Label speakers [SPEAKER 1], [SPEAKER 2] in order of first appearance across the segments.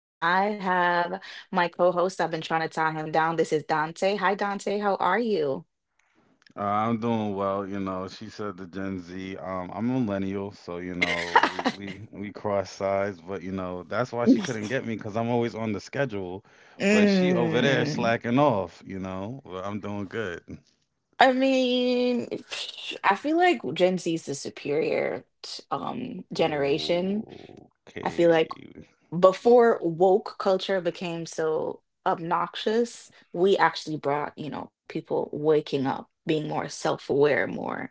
[SPEAKER 1] And I have my co-host. I've been trying to tie him down. This is Dante. Hi, Dante. How are you?
[SPEAKER 2] I'm doing well, you know. She said the Gen Z. I'm a millennial, so you know we we we cross sides, but you know that's why she couldn't get me because I'm always on the schedule. But she over there
[SPEAKER 1] Mm.
[SPEAKER 2] slacking off, you know. But I'm doing good.
[SPEAKER 1] I mean, I feel like Gen Z is the superior generation. I
[SPEAKER 2] Okay,
[SPEAKER 1] feel like before woke culture became so obnoxious, we actually brought, people waking up, being more self aware, more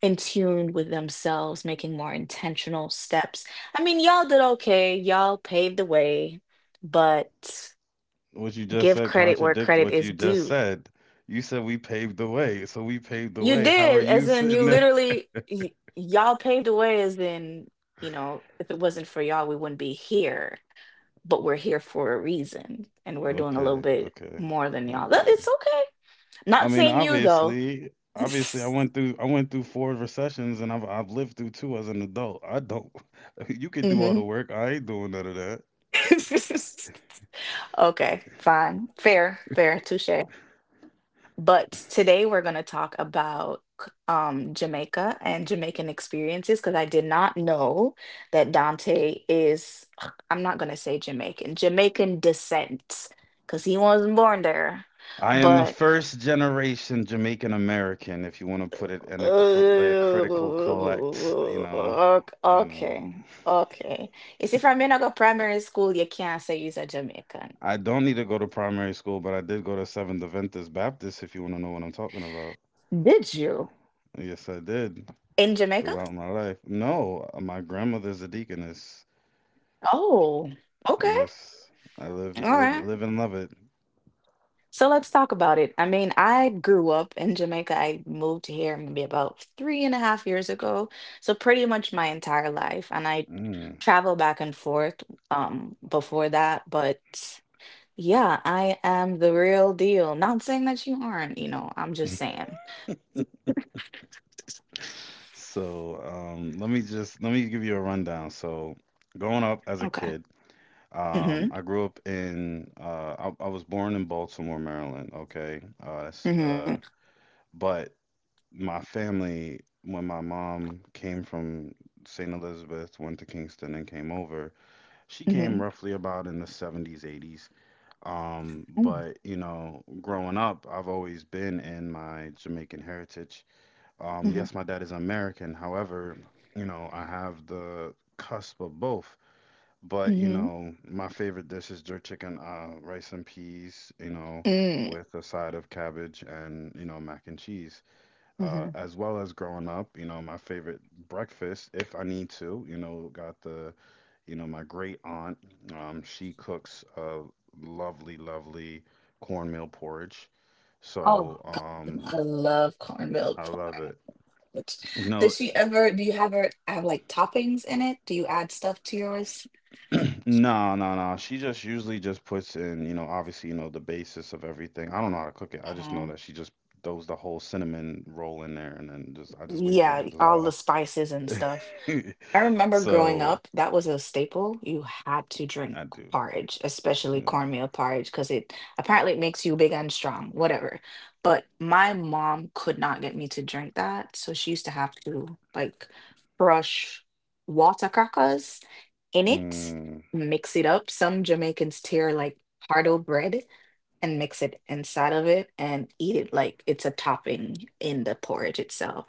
[SPEAKER 1] in tune with themselves, making more intentional steps. I mean, y'all did okay, y'all paved the way, but
[SPEAKER 2] what you just
[SPEAKER 1] give
[SPEAKER 2] said
[SPEAKER 1] credit where
[SPEAKER 2] contradict
[SPEAKER 1] credit
[SPEAKER 2] what
[SPEAKER 1] is
[SPEAKER 2] you just
[SPEAKER 1] due.
[SPEAKER 2] said. You said we paved the way, so we paved the
[SPEAKER 1] You
[SPEAKER 2] way. How are
[SPEAKER 1] did,
[SPEAKER 2] you
[SPEAKER 1] as in, you
[SPEAKER 2] sitting there?
[SPEAKER 1] literally, y'all paved the way, as in, if it wasn't for y'all, we wouldn't be here, but we're here for a reason and we're doing a little
[SPEAKER 2] Okay,
[SPEAKER 1] bit
[SPEAKER 2] okay,
[SPEAKER 1] more than y'all. It's
[SPEAKER 2] okay.
[SPEAKER 1] okay.
[SPEAKER 2] I
[SPEAKER 1] Not
[SPEAKER 2] mean,
[SPEAKER 1] saying you though.
[SPEAKER 2] obviously, obviously, I went through four recessions, and I've lived through two as an adult. I don't. You could do all the
[SPEAKER 1] Hmm.
[SPEAKER 2] work. I ain't doing none of that.
[SPEAKER 1] Okay, fine. Fair, fair, touche. But today we're going to talk about Jamaica and Jamaican experiences because I did not know that Dante is, I'm not going to say Jamaican, Jamaican descent because he wasn't born there.
[SPEAKER 2] I am a
[SPEAKER 1] But.
[SPEAKER 2] first generation Jamaican American, if you want to put it in a cr
[SPEAKER 1] Uh,
[SPEAKER 2] like a critical collect. You know, you know.
[SPEAKER 1] okay, okay. You see, from me I go primary school, you can't say are a Jamaican.
[SPEAKER 2] I don't need to go to primary school, but I did go to Seventh Adventist Baptist. If you want to know what I'm talking about,
[SPEAKER 1] Did you?
[SPEAKER 2] yes, I did
[SPEAKER 1] In Jamaica?
[SPEAKER 2] throughout my life. No, my grandmother's a deaconess.
[SPEAKER 1] Oh, okay.
[SPEAKER 2] Yes, I
[SPEAKER 1] All
[SPEAKER 2] live, live,
[SPEAKER 1] right.
[SPEAKER 2] live and love it.
[SPEAKER 1] So let's talk about it. I mean, I grew up in Jamaica. I moved here maybe about three and a half years ago. So pretty much my entire life. And I
[SPEAKER 2] Mm.
[SPEAKER 1] travel back and forth before that, but yeah, I am the real deal. Not saying that you aren't, I'm just saying.
[SPEAKER 2] So, let me just let me give you a rundown. So, growing up as a
[SPEAKER 1] Okay.
[SPEAKER 2] kid,
[SPEAKER 1] Mm-hmm.
[SPEAKER 2] I grew up in I was born in Baltimore, Maryland. Okay, that's,
[SPEAKER 1] Mm-hmm.
[SPEAKER 2] but my family, when my mom came from St. Elizabeth, went to Kingston, and came over, she
[SPEAKER 1] Mm-hmm.
[SPEAKER 2] came roughly about in the 70s, 80s.
[SPEAKER 1] Mm.
[SPEAKER 2] But you know, growing up, I've always been in my Jamaican heritage.
[SPEAKER 1] Mm-hmm.
[SPEAKER 2] Yes, my dad is American. However, you know, I have the cusp of both. But you
[SPEAKER 1] Mm-hmm.
[SPEAKER 2] know, my favorite dish is jerk chicken, rice and peas. You know,
[SPEAKER 1] Mm.
[SPEAKER 2] with a side of cabbage and you know mac and cheese.
[SPEAKER 1] Mm-hmm.
[SPEAKER 2] As well as growing up, you know, my favorite breakfast, if I need to, you know, got the you know, my great aunt, she cooks a lovely, lovely cornmeal porridge.
[SPEAKER 1] Oh,
[SPEAKER 2] So,
[SPEAKER 1] God. I love cornmeal
[SPEAKER 2] I love it.
[SPEAKER 1] porridge.
[SPEAKER 2] You know,
[SPEAKER 1] Do you ever have like toppings in it? Do you add stuff to yours?
[SPEAKER 2] no, no, no. She just usually just puts in, you know, obviously, you know, the basis of everything. I don't know how to cook it. I just know
[SPEAKER 1] Mm-hmm.
[SPEAKER 2] that she just throws the whole cinnamon roll in there and then just I just wait for it to
[SPEAKER 1] Yeah, all the
[SPEAKER 2] dissolve.
[SPEAKER 1] spices and stuff. I remember growing
[SPEAKER 2] So,
[SPEAKER 1] up, that was a staple. You had to drink
[SPEAKER 2] I do.
[SPEAKER 1] porridge, especially
[SPEAKER 2] Ugh.
[SPEAKER 1] cornmeal porridge, because it apparently it makes you big and strong, whatever. But my mom could not get me to drink that, so she used to have to like crush water crackers in it,
[SPEAKER 2] Mm,
[SPEAKER 1] mix it up. Some Jamaicans tear like hard bread and mix it inside of it and eat it like it's a topping in the porridge itself.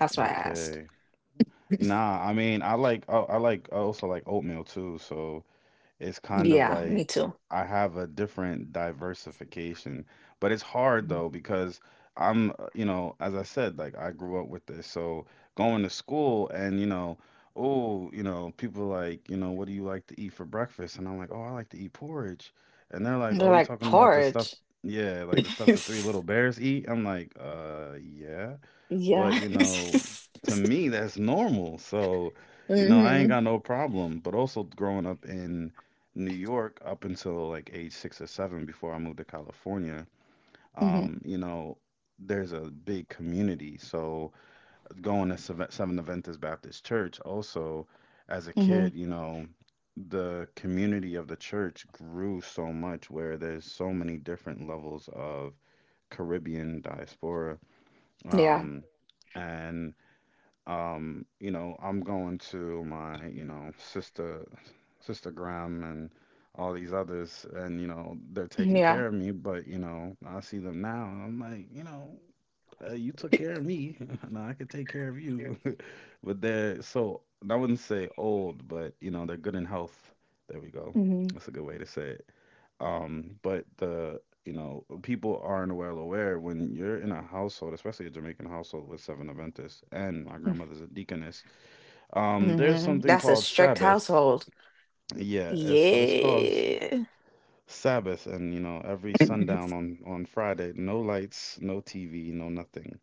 [SPEAKER 1] That's why I asked.
[SPEAKER 2] okay. Nah, I mean, I like oh, I like I also like oatmeal too. So it's kind of
[SPEAKER 1] Yeah, me
[SPEAKER 2] like
[SPEAKER 1] too.
[SPEAKER 2] I have a different diversification. But it's hard though because I'm, you know, as I said, like I grew up with this. So going to school and, you know, oh, you know, people like, you know, what do you like to eat for breakfast? And I'm like, oh, I like to eat porridge. And they're like,
[SPEAKER 1] They're
[SPEAKER 2] oh, you
[SPEAKER 1] like
[SPEAKER 2] talking about the stuff,
[SPEAKER 1] porridge.
[SPEAKER 2] yeah, like the stuff the three little bears eat? I'm like, yeah.
[SPEAKER 1] Yeah.
[SPEAKER 2] But, you know, to me, that's normal. So, you know, I ain't
[SPEAKER 1] Hmm.
[SPEAKER 2] got no problem. But also growing up in New York up until like age 6 or 7 before I moved to California,
[SPEAKER 1] Hmm.
[SPEAKER 2] you know, there's a big community. So going to Seventh Adventist Baptist Church also as a
[SPEAKER 1] Hmm.
[SPEAKER 2] kid, you know, the community of the church grew so much where there's so many different levels of Caribbean diaspora.
[SPEAKER 1] Yeah.
[SPEAKER 2] Um, and you know, I'm going to my, you know, sister Graham and all these others, and you know, they're
[SPEAKER 1] Mm-hmm.
[SPEAKER 2] taking
[SPEAKER 1] Yeah.
[SPEAKER 2] care of me. But you know, I see them now, and I'm like, you know, you took care of me. Now I can take care of you. But they're so I wouldn't say old, but you know they're good in health. There we go.
[SPEAKER 1] Hmm.
[SPEAKER 2] That's a good way to say it. But the you know people aren't well aware when you're in a household, especially a Jamaican household with seven Adventists, and my grandmother's a deaconess. There's
[SPEAKER 1] Hmm.
[SPEAKER 2] something
[SPEAKER 1] That's a
[SPEAKER 2] called
[SPEAKER 1] strict
[SPEAKER 2] Sabbath.
[SPEAKER 1] household.
[SPEAKER 2] Yeah, it's so, it's called
[SPEAKER 1] Yeah.
[SPEAKER 2] Sabbath, and you know every sundown on Friday, no lights, no TV, no nothing.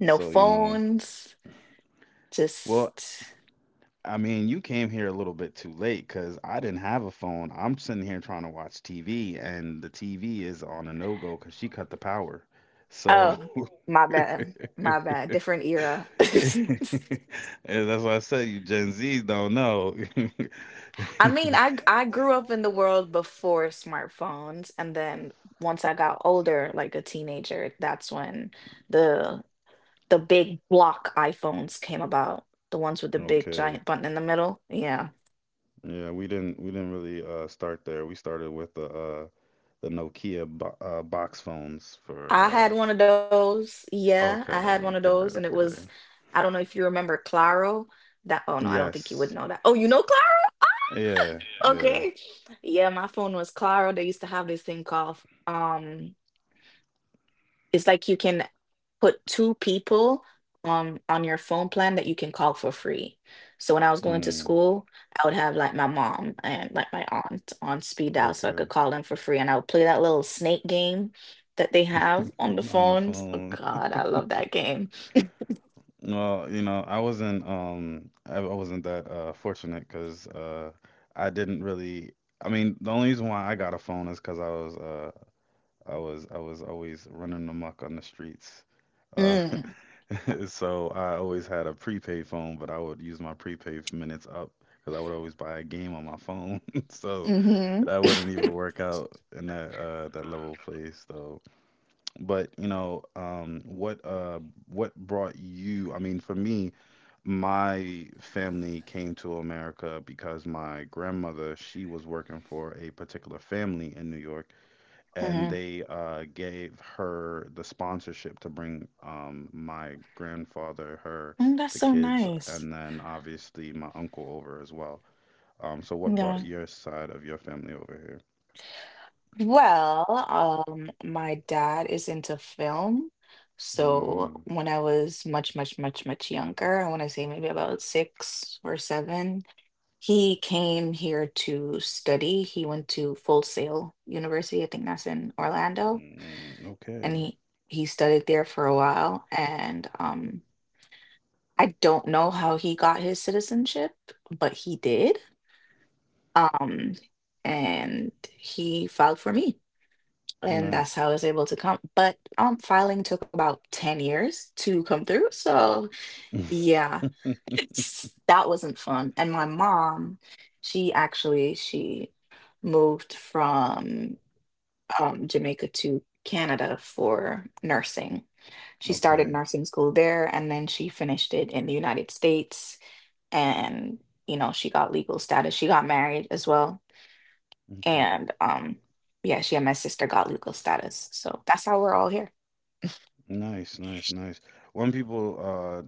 [SPEAKER 1] No
[SPEAKER 2] So, you know,
[SPEAKER 1] phones.
[SPEAKER 2] well,
[SPEAKER 1] Just,
[SPEAKER 2] I mean, you came here a little bit too late because I didn't have a phone. I'm sitting here trying to watch TV, and the TV is on a no-go because she cut the power. So
[SPEAKER 1] oh, my bad. My
[SPEAKER 2] and
[SPEAKER 1] bad. Different era.
[SPEAKER 2] that's why I said you Gen Zs don't know.
[SPEAKER 1] I mean, I grew up in the world before smartphones, and then once I got older, like a teenager, that's when the the big block iPhones came about, the ones with the big
[SPEAKER 2] Okay.
[SPEAKER 1] giant button in the middle. Yeah.
[SPEAKER 2] Yeah, we didn't really start there. We started with the Nokia bo box phones
[SPEAKER 1] I
[SPEAKER 2] for
[SPEAKER 1] had one of those. Yeah, I
[SPEAKER 2] okay,
[SPEAKER 1] had one of
[SPEAKER 2] okay,
[SPEAKER 1] those and it was
[SPEAKER 2] okay.
[SPEAKER 1] I don't know if you remember Claro. That oh no, I don't think you would
[SPEAKER 2] Yes.
[SPEAKER 1] know that. Oh, you know Claro?
[SPEAKER 2] Yeah, yeah.
[SPEAKER 1] Okay. Yeah, my phone was Claro. They used to have this thing called um it's like you can put two people on your phone plan that you can call for free. So when I was going to
[SPEAKER 2] Mm,
[SPEAKER 1] school, I would have like my mom and like my aunt on speed dial so I
[SPEAKER 2] okay.
[SPEAKER 1] could call them for free and I would play that little snake game that they have on the
[SPEAKER 2] On the
[SPEAKER 1] phones. Oh
[SPEAKER 2] phone.
[SPEAKER 1] God, I love that game.
[SPEAKER 2] Well, you know, I wasn't I wasn't that fortunate because I didn't really I mean, the only reason why I got a phone is because I was I was always running amok on the streets. Uh
[SPEAKER 1] Mm,
[SPEAKER 2] so I always had a prepaid phone, but I would use my prepaid minutes up because I would always buy a game on my phone. So
[SPEAKER 1] mm-hmm,
[SPEAKER 2] that wouldn't even work out in that that level of play. So but you know, what brought you? I mean, for me, my family came to America because my grandmother, she was working for a particular family in New York, and
[SPEAKER 1] mm-hmm.
[SPEAKER 2] they gave her the sponsorship to bring my grandfather, her,
[SPEAKER 1] Mm, that's
[SPEAKER 2] the
[SPEAKER 1] so
[SPEAKER 2] kids,
[SPEAKER 1] nice.
[SPEAKER 2] and then obviously my uncle over as well. So what
[SPEAKER 1] Yeah.
[SPEAKER 2] brought your side of your family over here?
[SPEAKER 1] Well, my dad is into film. So
[SPEAKER 2] Mm,
[SPEAKER 1] when I was much, much, much, much younger, I want to say maybe about six or seven, he came here to study. He went to Full Sail University, I think that's in Orlando,
[SPEAKER 2] mm, okay,
[SPEAKER 1] and he studied there for a while. And I don't know how he got his citizenship, but he did. Um, and he filed for me, and that's
[SPEAKER 2] nice.
[SPEAKER 1] how I was able to come. But filing took about 10 years to come through. So, yeah, that wasn't fun. And my mom, she moved from Jamaica to Canada for nursing. She started
[SPEAKER 2] Okay.
[SPEAKER 1] nursing school there and then she finished it in the United States and you know, she got legal status. She got married as well.
[SPEAKER 2] Okay.
[SPEAKER 1] And um, yeah, she and my sister got legal status. So that's how we're all here.
[SPEAKER 2] Nice, nice, nice. One people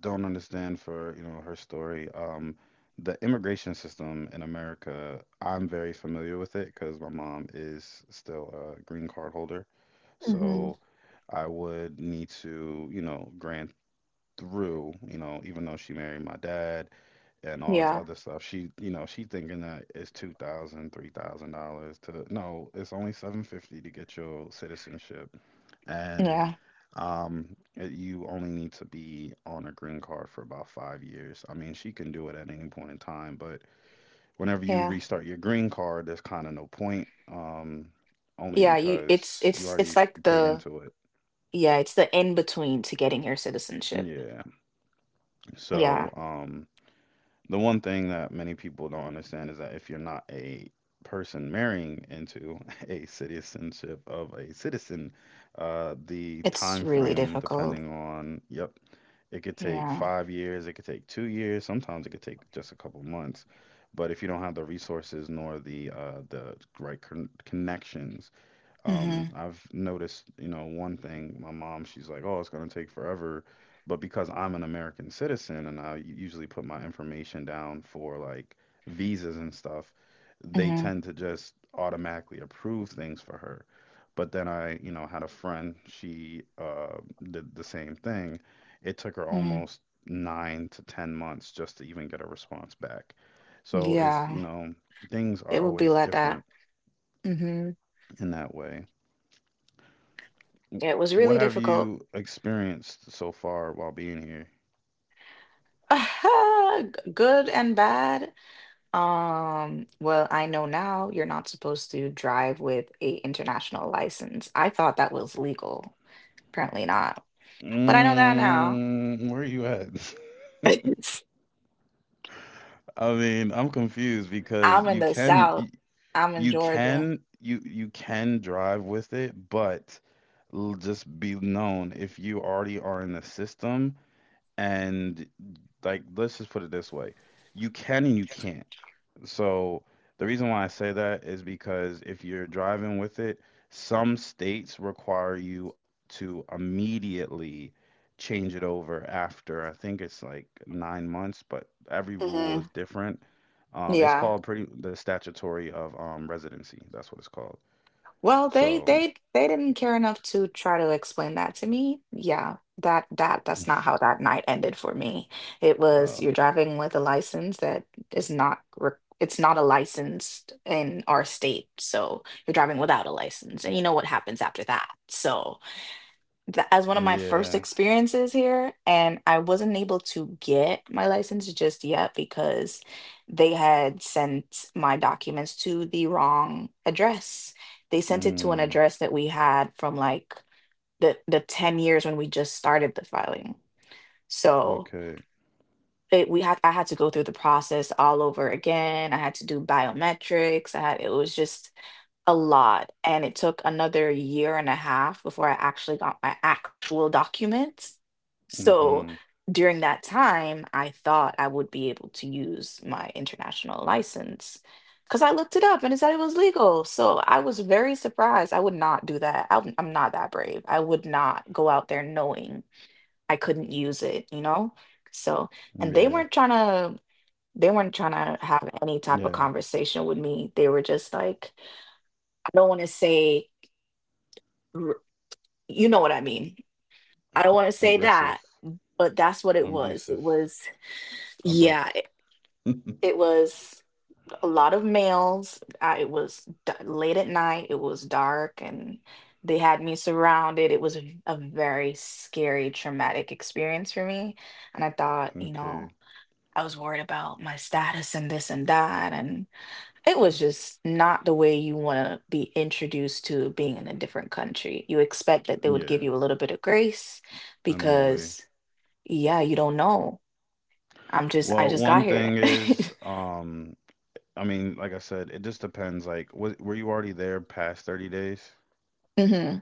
[SPEAKER 2] don't understand for, you know, her story, the immigration system in America, I'm very familiar with it because my mom is still a green card holder.
[SPEAKER 1] Hmm.
[SPEAKER 2] So I would need to, you know, grant through, you know, even though she married my dad, and all this
[SPEAKER 1] Yeah.
[SPEAKER 2] other stuff. She, you know, she thinking that it's 2,000, $3,000 to no, it's only 750 to get your citizenship, and
[SPEAKER 1] Yeah.
[SPEAKER 2] um, it, you only need to be on a green card for about 5 years. I mean, she can do it at any point in time, but whenever you
[SPEAKER 1] Yeah.
[SPEAKER 2] restart your green card, there's kind of no point, only
[SPEAKER 1] Yeah. You it's
[SPEAKER 2] because you
[SPEAKER 1] it's
[SPEAKER 2] already
[SPEAKER 1] it's like
[SPEAKER 2] paid
[SPEAKER 1] the
[SPEAKER 2] into it.
[SPEAKER 1] yeah, it's the in between to getting your citizenship.
[SPEAKER 2] Yeah.
[SPEAKER 1] Yeah.
[SPEAKER 2] So, the one thing that many people don't understand is that if you're not a person marrying into a citizenship of a citizen, the
[SPEAKER 1] It's
[SPEAKER 2] time
[SPEAKER 1] really
[SPEAKER 2] frame,
[SPEAKER 1] difficult.
[SPEAKER 2] depending on, yep, it could take
[SPEAKER 1] Yeah.
[SPEAKER 2] 5 years, it could take 2 years, sometimes it could take just a couple months. But if you don't have the resources nor the the right connections
[SPEAKER 1] Mm-hmm.
[SPEAKER 2] I've noticed, you know, one thing, my mom, she's like, "Oh, it's going to take forever." But because I'm an American citizen and I usually put my information down for like visas and stuff, they
[SPEAKER 1] Hmm.
[SPEAKER 2] tend to just automatically approve things for her. But then I, you know, had a friend, she did the same thing. It took her
[SPEAKER 1] Hmm.
[SPEAKER 2] almost 9 to 10 months just to even get a response back. So it's, you
[SPEAKER 1] Yeah.
[SPEAKER 2] know, things
[SPEAKER 1] It
[SPEAKER 2] are
[SPEAKER 1] would be
[SPEAKER 2] always
[SPEAKER 1] like that.
[SPEAKER 2] different
[SPEAKER 1] Mm-hmm.
[SPEAKER 2] in that way. W-
[SPEAKER 1] It was
[SPEAKER 2] What
[SPEAKER 1] really
[SPEAKER 2] have
[SPEAKER 1] difficult.
[SPEAKER 2] you experienced so far while being here?
[SPEAKER 1] Good and bad. Well, I know now you're not supposed to drive with a international license. I thought that was legal. Apparently not. But I know that now.
[SPEAKER 2] Mm, where are you at? I mean, I'm confused because
[SPEAKER 1] I'm in
[SPEAKER 2] you
[SPEAKER 1] the
[SPEAKER 2] can
[SPEAKER 1] South. I'm in
[SPEAKER 2] you
[SPEAKER 1] Georgia.
[SPEAKER 2] can you can drive with it, but just be known if you already are in the system and like let's just put it this way. You can and you can't. So the reason why I say that is because if you're driving with it, some states require you to immediately change it over after I think it's like 9 months, but every rule
[SPEAKER 1] Hmm.
[SPEAKER 2] is different. It's
[SPEAKER 1] Yeah.
[SPEAKER 2] called pretty the statutory of residency. That's what it's called.
[SPEAKER 1] Well,
[SPEAKER 2] So,
[SPEAKER 1] they didn't care enough to try to explain that to me. Yeah. That that's not how that night ended for me. It was
[SPEAKER 2] uh,
[SPEAKER 1] you're driving with a license that is not re it's not a license in our state. So you're driving without a license, and you know what happens after that. So as one of my first
[SPEAKER 2] yeah.
[SPEAKER 1] experiences here and I wasn't able to get my license just yet because they had sent my documents to the wrong address. They sent it to an
[SPEAKER 2] Mm,
[SPEAKER 1] address that we had from like the 10 years when we just started the filing. So
[SPEAKER 2] okay.
[SPEAKER 1] it, we had I had to go through the process all over again. I had to do biometrics. I had it was just a lot, and it took another year and a half before I actually got my actual documents. So
[SPEAKER 2] Mm-hmm.
[SPEAKER 1] during that time, I thought I would be able to use my international license because I looked it up and it said it was legal. So I was very surprised. I would not do that. I'm not that brave. I would not go out there knowing I couldn't use it, you know? So, and
[SPEAKER 2] Yeah.
[SPEAKER 1] they weren't trying to have any type of
[SPEAKER 2] Yeah.
[SPEAKER 1] conversation with me. They were just like, I don't want to say r- you know what I mean. I don't want to say
[SPEAKER 2] Aggressive,
[SPEAKER 1] that, but that's what it was.
[SPEAKER 2] abusive,
[SPEAKER 1] Yeah,
[SPEAKER 2] abrupt.
[SPEAKER 1] it, it was a lot of males. It was late at night. It was dark and they had me surrounded. It was a very scary traumatic experience for me, and I thought, you
[SPEAKER 2] Okay.
[SPEAKER 1] know, I was worried about my status and this and that. And it was just not the way you want to be introduced to being in a different country. You expect that they would give
[SPEAKER 2] Yeah.
[SPEAKER 1] you a little bit of grace
[SPEAKER 2] Friendly way.
[SPEAKER 1] because, yeah, you don't know. I
[SPEAKER 2] Well,
[SPEAKER 1] just got
[SPEAKER 2] one
[SPEAKER 1] here.
[SPEAKER 2] thing is, I mean, like I said, it just depends. Like, was, were you already there past 30 days?
[SPEAKER 1] Hmm.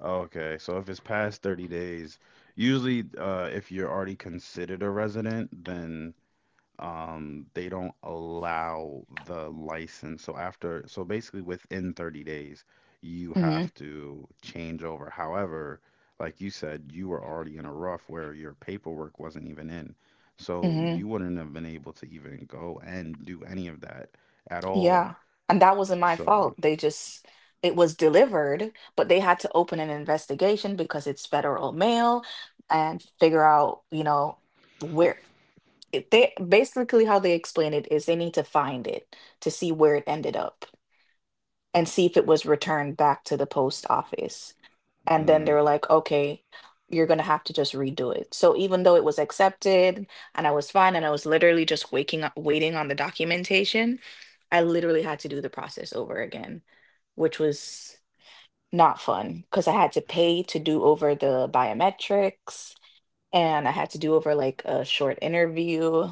[SPEAKER 2] Okay, so if it's past 30 days, usually, if you're already considered a resident, then they don't allow the license. So after, so basically within 30 days, you
[SPEAKER 1] Hmm.
[SPEAKER 2] have to change over. However, like you said, you were already in a rough where your paperwork wasn't even in. So
[SPEAKER 1] Hmm.
[SPEAKER 2] you wouldn't have been able to even go and do any of that at all.
[SPEAKER 1] Yeah. And that wasn't my
[SPEAKER 2] So,
[SPEAKER 1] fault. It was delivered, but they had to open an investigation because it's federal mail and figure out, where. They basically how they explain it is they need to find it to see where it ended up and see if it was returned back to the post office. And then
[SPEAKER 2] mm,
[SPEAKER 1] they were like, okay, you're gonna have to just redo it. So even though it was accepted and I was fine and I was literally just waking up waiting on the documentation, I literally had to do the process over again, which was not fun because I had to pay to do over the biometrics and I had to do over like a short interview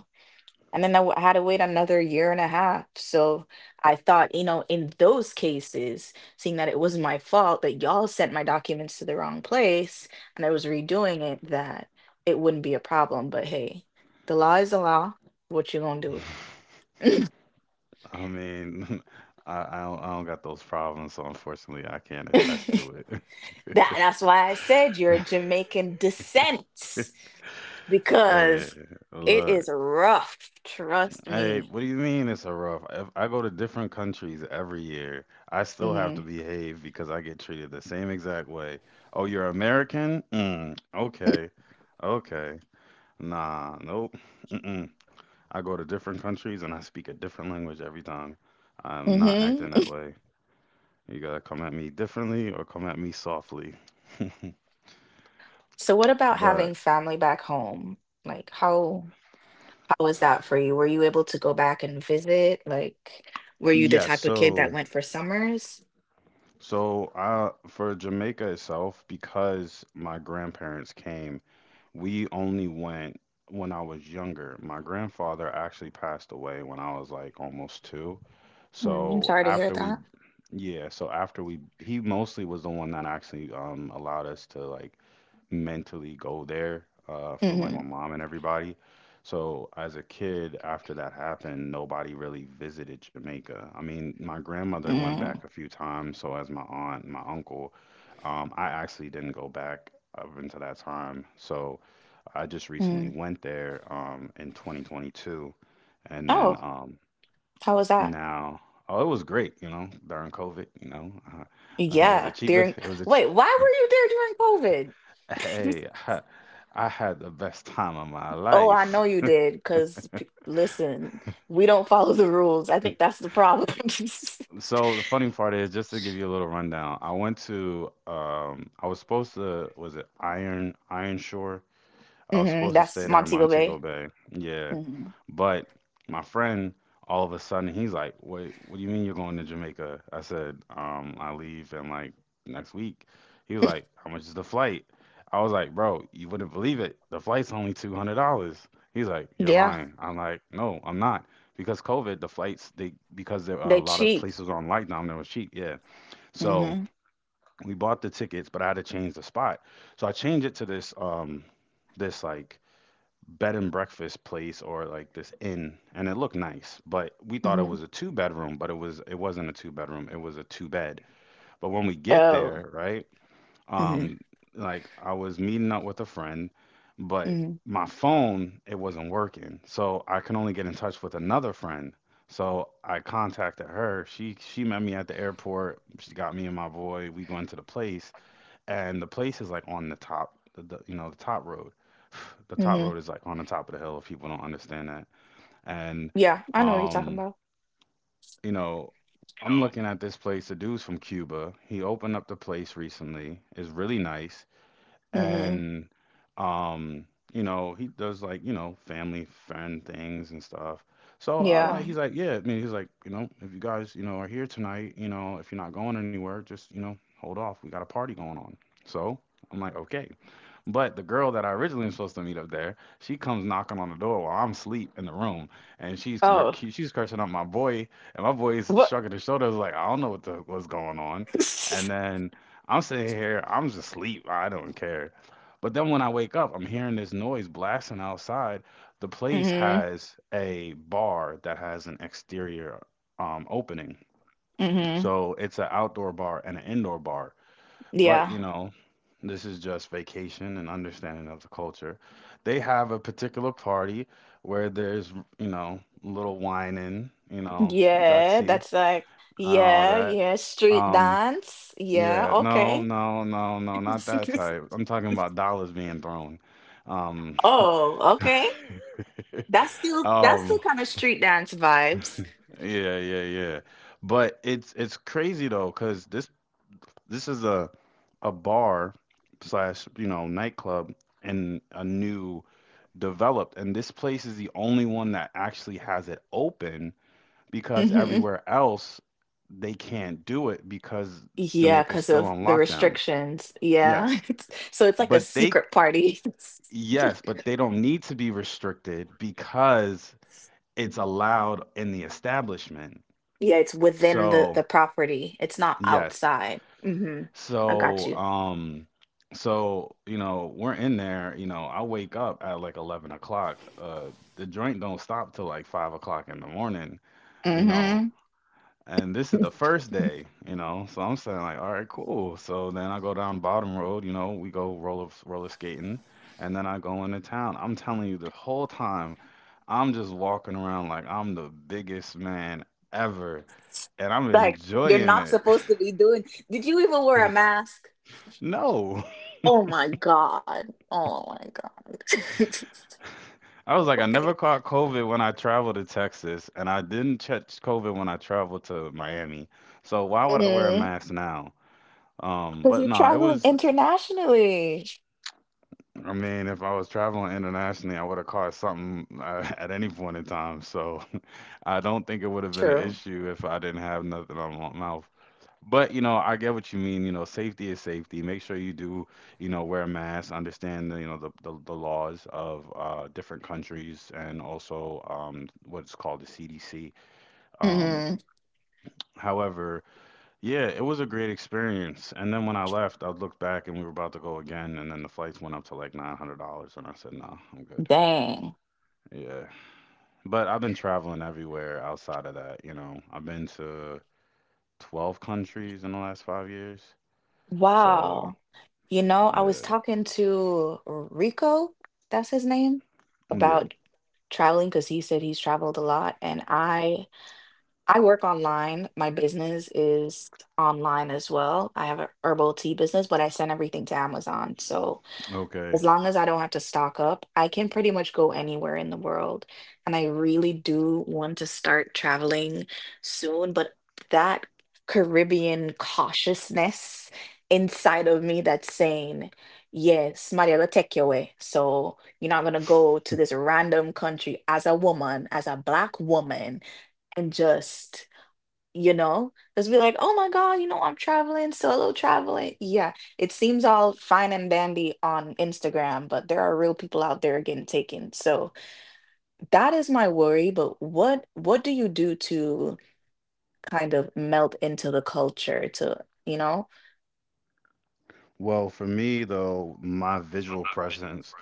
[SPEAKER 1] and then had to wait another year and a half. So I thought, you know, in those cases, seeing that it wasn't my fault that y'all sent my documents to the wrong place and I was redoing it, that it wouldn't be a problem. But hey, the law is the law. What you gonna do?
[SPEAKER 2] I mean, I don't got those problems, so unfortunately, I can't attest
[SPEAKER 1] That
[SPEAKER 2] to it.
[SPEAKER 1] that's why I said you're a Jamaican descent
[SPEAKER 2] Hey,
[SPEAKER 1] because it
[SPEAKER 2] look.
[SPEAKER 1] is rough. Trust
[SPEAKER 2] Hey,
[SPEAKER 1] me.
[SPEAKER 2] what do you mean it's a rough? If I go to different countries every year, I still have to
[SPEAKER 1] Hmm.
[SPEAKER 2] behave because I get treated the same exact way. Oh, you're American? Mm, okay. Okay. Nah, nope. Mm-mm. I go to different countries and I speak a different language every time. I'm not
[SPEAKER 1] Hmm.
[SPEAKER 2] acting that way. You gotta come at me differently or come at me softly.
[SPEAKER 1] So what about having
[SPEAKER 2] But
[SPEAKER 1] family back home? Like how? How was that for you? Were you able to go back and visit? Like, were you the
[SPEAKER 2] yes,
[SPEAKER 1] type of kid
[SPEAKER 2] so
[SPEAKER 1] that went for summers?
[SPEAKER 2] so for Jamaica itself, because my grandparents came. We only went when I was younger. My grandfather actually passed away when I was like almost two.
[SPEAKER 1] Mm, I'm
[SPEAKER 2] So
[SPEAKER 1] sorry to hear
[SPEAKER 2] after we,
[SPEAKER 1] that.
[SPEAKER 2] yeah, so after we, he mostly was the one that actually allowed us to like mentally go there, from like
[SPEAKER 1] Hmm.
[SPEAKER 2] my mom and everybody. So as a kid, after that happened, nobody really visited Jamaica. I mean, my grandmother went back a
[SPEAKER 1] Mm.
[SPEAKER 2] few times, so has my aunt and my uncle. I actually didn't go back up until that time. So I just recently
[SPEAKER 1] Mm.
[SPEAKER 2] went there in 2022, and then
[SPEAKER 1] Oh, how was that?
[SPEAKER 2] now oh, it was great, you know, during COVID, you know, it was a
[SPEAKER 1] Yeah,
[SPEAKER 2] cheap,
[SPEAKER 1] during,
[SPEAKER 2] it was a ch-
[SPEAKER 1] wait, why were you there during COVID?
[SPEAKER 2] Hey, I had the best time of my
[SPEAKER 1] Oh, I
[SPEAKER 2] life.
[SPEAKER 1] know you did, because listen, we don't follow the rules. I think that's the problem.
[SPEAKER 2] So the funny part is, just to give you a little rundown, I went to I was supposed to, was it Iron Shore? I was
[SPEAKER 1] Hmm.
[SPEAKER 2] supposed to stay
[SPEAKER 1] That's
[SPEAKER 2] there in
[SPEAKER 1] Montego
[SPEAKER 2] Montego
[SPEAKER 1] Bay.
[SPEAKER 2] Bay. Yeah.
[SPEAKER 1] Hmm.
[SPEAKER 2] But my friend, all of a sudden, he's like, "Wait, what do you mean you're going to Jamaica?" I said, I leave in like next week. He was like, "How much is the flight?" I was like, "Bro, you wouldn't believe it. The flight's only $200." He's like, "You're
[SPEAKER 1] Yeah,
[SPEAKER 2] lying." I'm like, "No, I'm not." Because COVID, the flights, they, because there are
[SPEAKER 1] they
[SPEAKER 2] a lot of
[SPEAKER 1] cheat.
[SPEAKER 2] places on lockdown, that were cheap. Yeah. So
[SPEAKER 1] Hmm.
[SPEAKER 2] we bought the tickets, but I had to change the spot. So I changed it to this, this like bed and breakfast place, or like this inn, and it looked nice, but we thought it
[SPEAKER 1] Hmm.
[SPEAKER 2] was a two bedroom, but it wasn't a two bedroom, it was a two bed. But when we get
[SPEAKER 1] Oh.
[SPEAKER 2] there, right,
[SPEAKER 1] Hmm.
[SPEAKER 2] um like I was meeting up with a friend, but
[SPEAKER 1] Hmm.
[SPEAKER 2] my phone, it wasn't working, so I can only get in touch with another friend. So I contacted her, she met me at the airport, she got me and my boy, we went to the place, and the place is like on the top, the you know, the top road. The top
[SPEAKER 1] Hmm.
[SPEAKER 2] road is like on the top of the hill, if people don't understand that. And
[SPEAKER 1] Yeah, I know what you're talking
[SPEAKER 2] um,
[SPEAKER 1] about.
[SPEAKER 2] you know, I'm looking at this place. The dude's from Cuba. He opened up the place recently. It's really nice,
[SPEAKER 1] Mhm.
[SPEAKER 2] and um, you know, he does like, you know, family friend things and stuff. So I,
[SPEAKER 1] Yeah.
[SPEAKER 2] like, he's like, yeah. I mean, he's like, you know, if you guys, you know, are here tonight, you know, if you're not going anywhere, just, you know, hold off. We got a party going on. So I'm like, okay. But the girl that I originally was supposed to meet up there, she comes knocking on the door while I'm asleep in the room, and
[SPEAKER 1] Oh,
[SPEAKER 2] she's cursing out my boy, and my boy is
[SPEAKER 1] what?
[SPEAKER 2] shrugging his shoulders like, I don't know what the, what's going on, and then I'm sitting here, I'm just asleep, I don't care. But then when I wake up, I'm hearing this noise blasting outside. The place
[SPEAKER 1] Mhm.
[SPEAKER 2] has a bar that has an exterior opening,
[SPEAKER 1] Mhm.
[SPEAKER 2] so it's an outdoor bar and an indoor bar, but you
[SPEAKER 1] Yeah.
[SPEAKER 2] know, this is just vacation and understanding of the culture. They have a particular party where there's, you know, little whining, you know,
[SPEAKER 1] Yeah,
[SPEAKER 2] dutty
[SPEAKER 1] that's like
[SPEAKER 2] and all
[SPEAKER 1] yeah,
[SPEAKER 2] that.
[SPEAKER 1] yeah, street
[SPEAKER 2] Um,
[SPEAKER 1] dance. Yeah,
[SPEAKER 2] yeah, no,
[SPEAKER 1] okay.
[SPEAKER 2] no, no, no, not that type. I'm talking about dollars being thrown. Um,
[SPEAKER 1] Oh, okay. That's still
[SPEAKER 2] um,
[SPEAKER 1] kind of street dance vibes.
[SPEAKER 2] yeah, yeah, yeah. But it's crazy though, 'cause this is a bar slash, you know, nightclub and a new developed, and this place is the only one that actually has it open because
[SPEAKER 1] Hmm.
[SPEAKER 2] everywhere else they can't do it because
[SPEAKER 1] Yeah,
[SPEAKER 2] Jamaica's
[SPEAKER 1] because
[SPEAKER 2] still
[SPEAKER 1] of
[SPEAKER 2] on
[SPEAKER 1] the
[SPEAKER 2] lockdown.
[SPEAKER 1] restrictions. Yeah.
[SPEAKER 2] Yes.
[SPEAKER 1] So it's like a
[SPEAKER 2] But they
[SPEAKER 1] secret party.
[SPEAKER 2] yes, but they don't need to be restricted because it's allowed in the establishment.
[SPEAKER 1] Yeah, it's within
[SPEAKER 2] So,
[SPEAKER 1] the property. It's not
[SPEAKER 2] yes.
[SPEAKER 1] outside. Hmm. I got
[SPEAKER 2] So,
[SPEAKER 1] you.
[SPEAKER 2] so you know, we're in there. You know, I wake up at like 11 o'clock. The joint don't stop till like 5 o'clock in the morning. You know,
[SPEAKER 1] hmm
[SPEAKER 2] and this is the first day. You know, so I'm saying like, all right, cool. So then I go down Bottom Road. You know, we go roller skating, and then I go into town. I'm telling you, the whole time, I'm just walking around like I'm the biggest man ever, and I'm
[SPEAKER 1] Like you're
[SPEAKER 2] enjoying
[SPEAKER 1] not
[SPEAKER 2] it.
[SPEAKER 1] supposed to be doing. Did you even wear a mask?
[SPEAKER 2] No.
[SPEAKER 1] Oh my God. Oh my God.
[SPEAKER 2] I was like, I never
[SPEAKER 1] Okay.
[SPEAKER 2] caught COVID when I traveled to Texas, and I didn't catch COVID when I traveled to Miami. So why would I wear a
[SPEAKER 1] Mm-hmm.
[SPEAKER 2] mask now?
[SPEAKER 1] Because
[SPEAKER 2] But
[SPEAKER 1] you're
[SPEAKER 2] nah, it
[SPEAKER 1] traveling
[SPEAKER 2] was.
[SPEAKER 1] internationally.
[SPEAKER 2] I mean, if I was traveling internationally, I would have caught something at any point in time. So I don't think it would have been an
[SPEAKER 1] True.
[SPEAKER 2] issue if I didn't have nothing on my mouth. But you know, I get what you mean. You know, safety is safety. Make sure you do, you know, wear a mask, understand you know, the laws of different countries, and also what's called the CDC. Um,
[SPEAKER 1] Hmm.
[SPEAKER 2] however, yeah, it was a great experience. And then when I left, I looked back and we were about to go again, and then the flights went up to like $900, and I said, no, I'm good.
[SPEAKER 1] Dang.
[SPEAKER 2] Yeah. But I've been traveling everywhere outside of that, you know. I've been to 12 countries in the last 5 years. So,
[SPEAKER 1] Wow. You know, I was
[SPEAKER 2] yeah.
[SPEAKER 1] talking to Rico, that's his name,
[SPEAKER 2] Yeah.
[SPEAKER 1] about traveling because he said he's traveled a lot. And I work online. My business is online as well. I have a herbal tea business, but I send everything to Amazon. So
[SPEAKER 2] Okay.
[SPEAKER 1] as long as I don't have to stock up, I can pretty much go anywhere in the world. And I really do want to start traveling soon, but that Caribbean cautiousness inside of me that's saying, yes, Maria will take you away. So you're not gonna go to this random country as a woman, as a black woman, and just you know? Just be like, "Oh my god, you know, I'm traveling, solo traveling." Yeah, it seems all fine and dandy on Instagram, but there are real people out there getting taken. So that is my worry, but what do you do to kind of melt into the culture to, you know?
[SPEAKER 2] Well, for me though, my visual presence,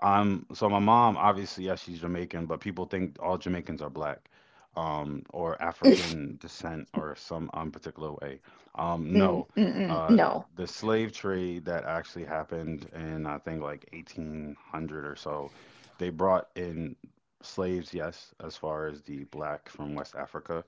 [SPEAKER 2] I'm so my mom, obviously, yes, she's Jamaican, but people think all Jamaicans are black, or African descent or some particular way.
[SPEAKER 1] Mm,
[SPEAKER 2] No,
[SPEAKER 1] mm-mm,
[SPEAKER 2] uh,
[SPEAKER 1] no.
[SPEAKER 2] the slave trade that actually happened in, I think like 1800 or so, they brought in slaves, yes, as far as the black from West Africa.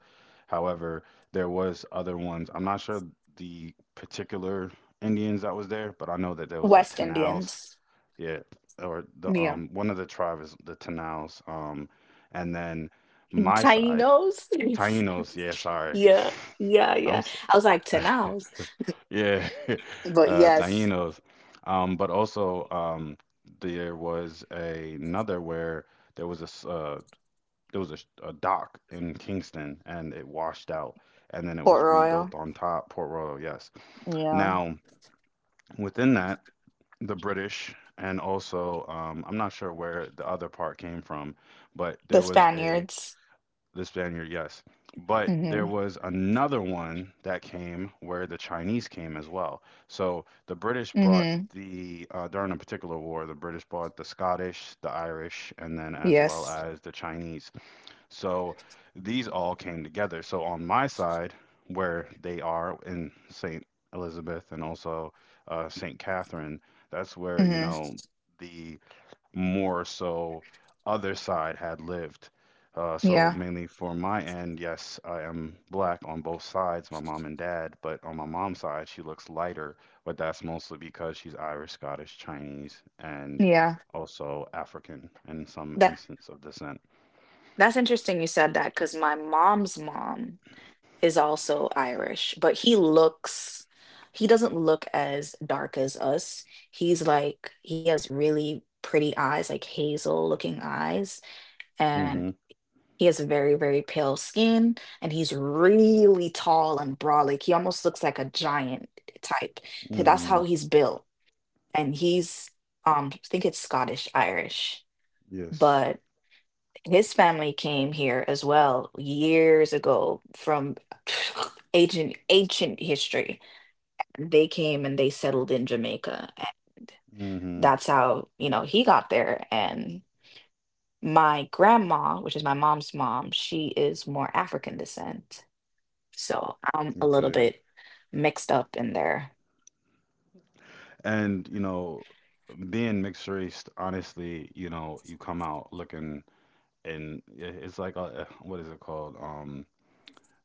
[SPEAKER 2] However, there was other ones. I'm not sure the particular Indians that was there, but I know that there was what,
[SPEAKER 1] West
[SPEAKER 2] Tanaus,
[SPEAKER 1] Indians.
[SPEAKER 2] yeah, or the
[SPEAKER 1] Yeah.
[SPEAKER 2] one of the tribes is the Tanaus, and then my side,
[SPEAKER 1] Tainos.
[SPEAKER 2] Tainos, yeah, sorry,
[SPEAKER 1] Yeah. Yeah,
[SPEAKER 2] I'm
[SPEAKER 1] yeah.
[SPEAKER 2] s-
[SPEAKER 1] I was like, Tanaos.
[SPEAKER 2] yeah,
[SPEAKER 1] But yes,
[SPEAKER 2] Tainos, but also there was a, another where there was a s- uh, there was a, a dock in Kingston and it washed out, and then it
[SPEAKER 1] Port
[SPEAKER 2] was
[SPEAKER 1] Royal.
[SPEAKER 2] rebuilt on top Port Royal, yes.
[SPEAKER 1] Yeah.
[SPEAKER 2] Now within that, the British, and also I'm not sure where the other part came from, but
[SPEAKER 1] The
[SPEAKER 2] there was a,
[SPEAKER 1] Spaniards.
[SPEAKER 2] the Spaniard, yes, but there
[SPEAKER 1] Mhm.
[SPEAKER 2] was another one that came where the Chinese came as well. So the British brought
[SPEAKER 1] Mhm.
[SPEAKER 2] the during a particular war, the British brought the Scottish, the Irish, and then as well
[SPEAKER 1] Yes.
[SPEAKER 2] as the Chinese. So these all came together. So on my side, where they are in St. Elizabeth and also St. Catherine, that's where, you
[SPEAKER 1] Mhm.
[SPEAKER 2] know, the more so other side had lived. So
[SPEAKER 1] Yeah.
[SPEAKER 2] mainly for my end, yes, I am black on both sides, my mom and dad, but on my mom's side, she looks lighter, but that's mostly because she's Irish, Scottish, Chinese, and
[SPEAKER 1] Yeah.
[SPEAKER 2] also African in some
[SPEAKER 1] That
[SPEAKER 2] instance of descent.
[SPEAKER 1] that's interesting you said that because my mom's mom is also Irish, but he doesn't look as dark as us. He's like he has really pretty eyes, like hazel looking eyes, and
[SPEAKER 2] Hmm.
[SPEAKER 1] he has very, very pale skin, and he's really tall and broad. Like he almost looks like a giant type. That's
[SPEAKER 2] Hmm.
[SPEAKER 1] how he's built and he's I think it's Scottish Irish,
[SPEAKER 2] Yes.
[SPEAKER 1] but his family came here as well years ago from ancient ancient history. They came and they settled in Jamaica and
[SPEAKER 2] Hmm.
[SPEAKER 1] that's how, you know, he got there and my grandma, which is my mom's mom, she is more African descent. So I'm a little
[SPEAKER 2] Okay.
[SPEAKER 1] bit mixed up in there.
[SPEAKER 2] And, you know, being mixed race, honestly, you know, you come out looking, and it's like a, what is it called? Um,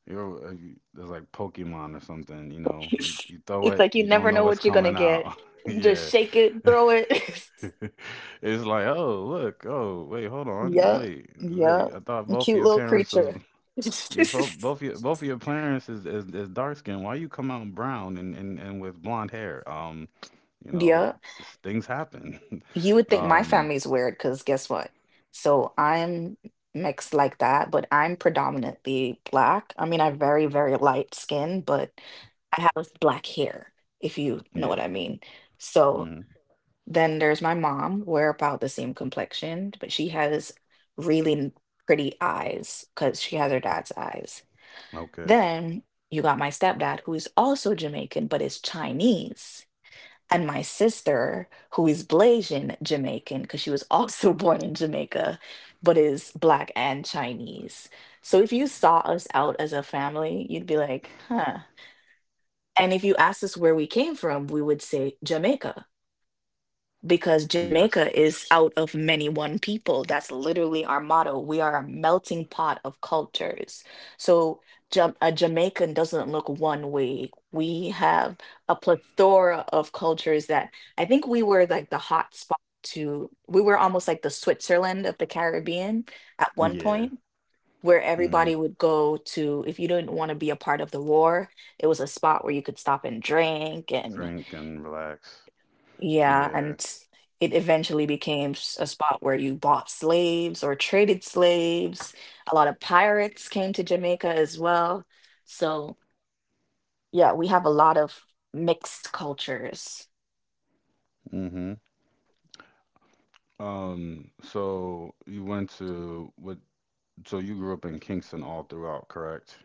[SPEAKER 2] you're uh, you, It's like Pokemon or something, you know. You throw
[SPEAKER 1] It's
[SPEAKER 2] it,
[SPEAKER 1] like you
[SPEAKER 2] you don't
[SPEAKER 1] never
[SPEAKER 2] know
[SPEAKER 1] know
[SPEAKER 2] what's
[SPEAKER 1] what you're gonna
[SPEAKER 2] coming
[SPEAKER 1] get.
[SPEAKER 2] out.
[SPEAKER 1] You just
[SPEAKER 2] Yeah.
[SPEAKER 1] shake it, throw it.
[SPEAKER 2] It's like, oh, look, oh, wait, hold on.
[SPEAKER 1] Yeah,
[SPEAKER 2] Wait.
[SPEAKER 1] yup.
[SPEAKER 2] I thought both of
[SPEAKER 1] Cute
[SPEAKER 2] your
[SPEAKER 1] little
[SPEAKER 2] parents was
[SPEAKER 1] creature.
[SPEAKER 2] yeah, both of your parents is, is dark skin. Why you come out brown and, and with blonde hair? You know,
[SPEAKER 1] Yeah,
[SPEAKER 2] things happen.
[SPEAKER 1] you would think my
[SPEAKER 2] Um,
[SPEAKER 1] family's weird because guess what? So I'm mixed like that, but I'm predominantly black. I mean, I have very, very light skin, but I have black hair, if you know
[SPEAKER 2] yeah.
[SPEAKER 1] what I mean. So
[SPEAKER 2] Hmm.
[SPEAKER 1] then there's my mom. We're about the same complexion, but she has really n- pretty eyes because she has her dad's eyes.
[SPEAKER 2] Okay.
[SPEAKER 1] Then you got my stepdad, who is also Jamaican, but is Chinese. And my sister, who is Blasian Jamaican, because she was also born in Jamaica, but is Black and Chinese. So if you saw us out as a family, you'd be like, huh. And if you asked us where we came from, we would say Jamaica because
[SPEAKER 2] Yes.
[SPEAKER 1] Jamaica is out of many one people. That's literally our motto. We are a melting pot of cultures. So a Jamaican doesn't look one way. We have a plethora of cultures that I think we were like the hot spot to, we were almost like the Switzerland of the Caribbean at one
[SPEAKER 2] Yeah.
[SPEAKER 1] point. Where
[SPEAKER 2] Hmm.
[SPEAKER 1] everybody would go to, if you didn't want to be a part of the war, it was a spot where you could stop and drink and.
[SPEAKER 2] Drink and relax.
[SPEAKER 1] Yeah,
[SPEAKER 2] Yeah.
[SPEAKER 1] and it eventually became a spot where you bought slaves or traded slaves. A lot of pirates came to Jamaica as well. So, yeah, we have a lot of mixed cultures.
[SPEAKER 2] Hmm. So you went to what? So you grew up in Kingston all throughout, correct?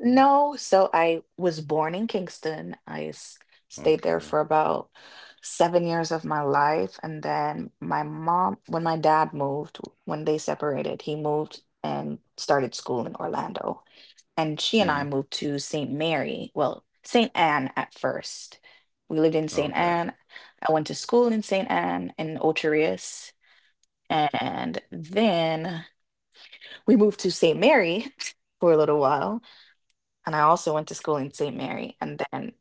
[SPEAKER 1] No, so I was born in Kingston. I stayed there
[SPEAKER 2] Okay.
[SPEAKER 1] for about 7 years of my life. And then my mom, when my dad moved, when they separated, he moved and started school in Orlando. And she
[SPEAKER 2] Hmm.
[SPEAKER 1] and I moved to St. Mary, well, St. Anne at first. We lived in St.
[SPEAKER 2] Okay.
[SPEAKER 1] Anne. I went to school in St. Anne in Ocherius, and then we moved to St. Mary for a little while, and I also went to school in St. Mary, and then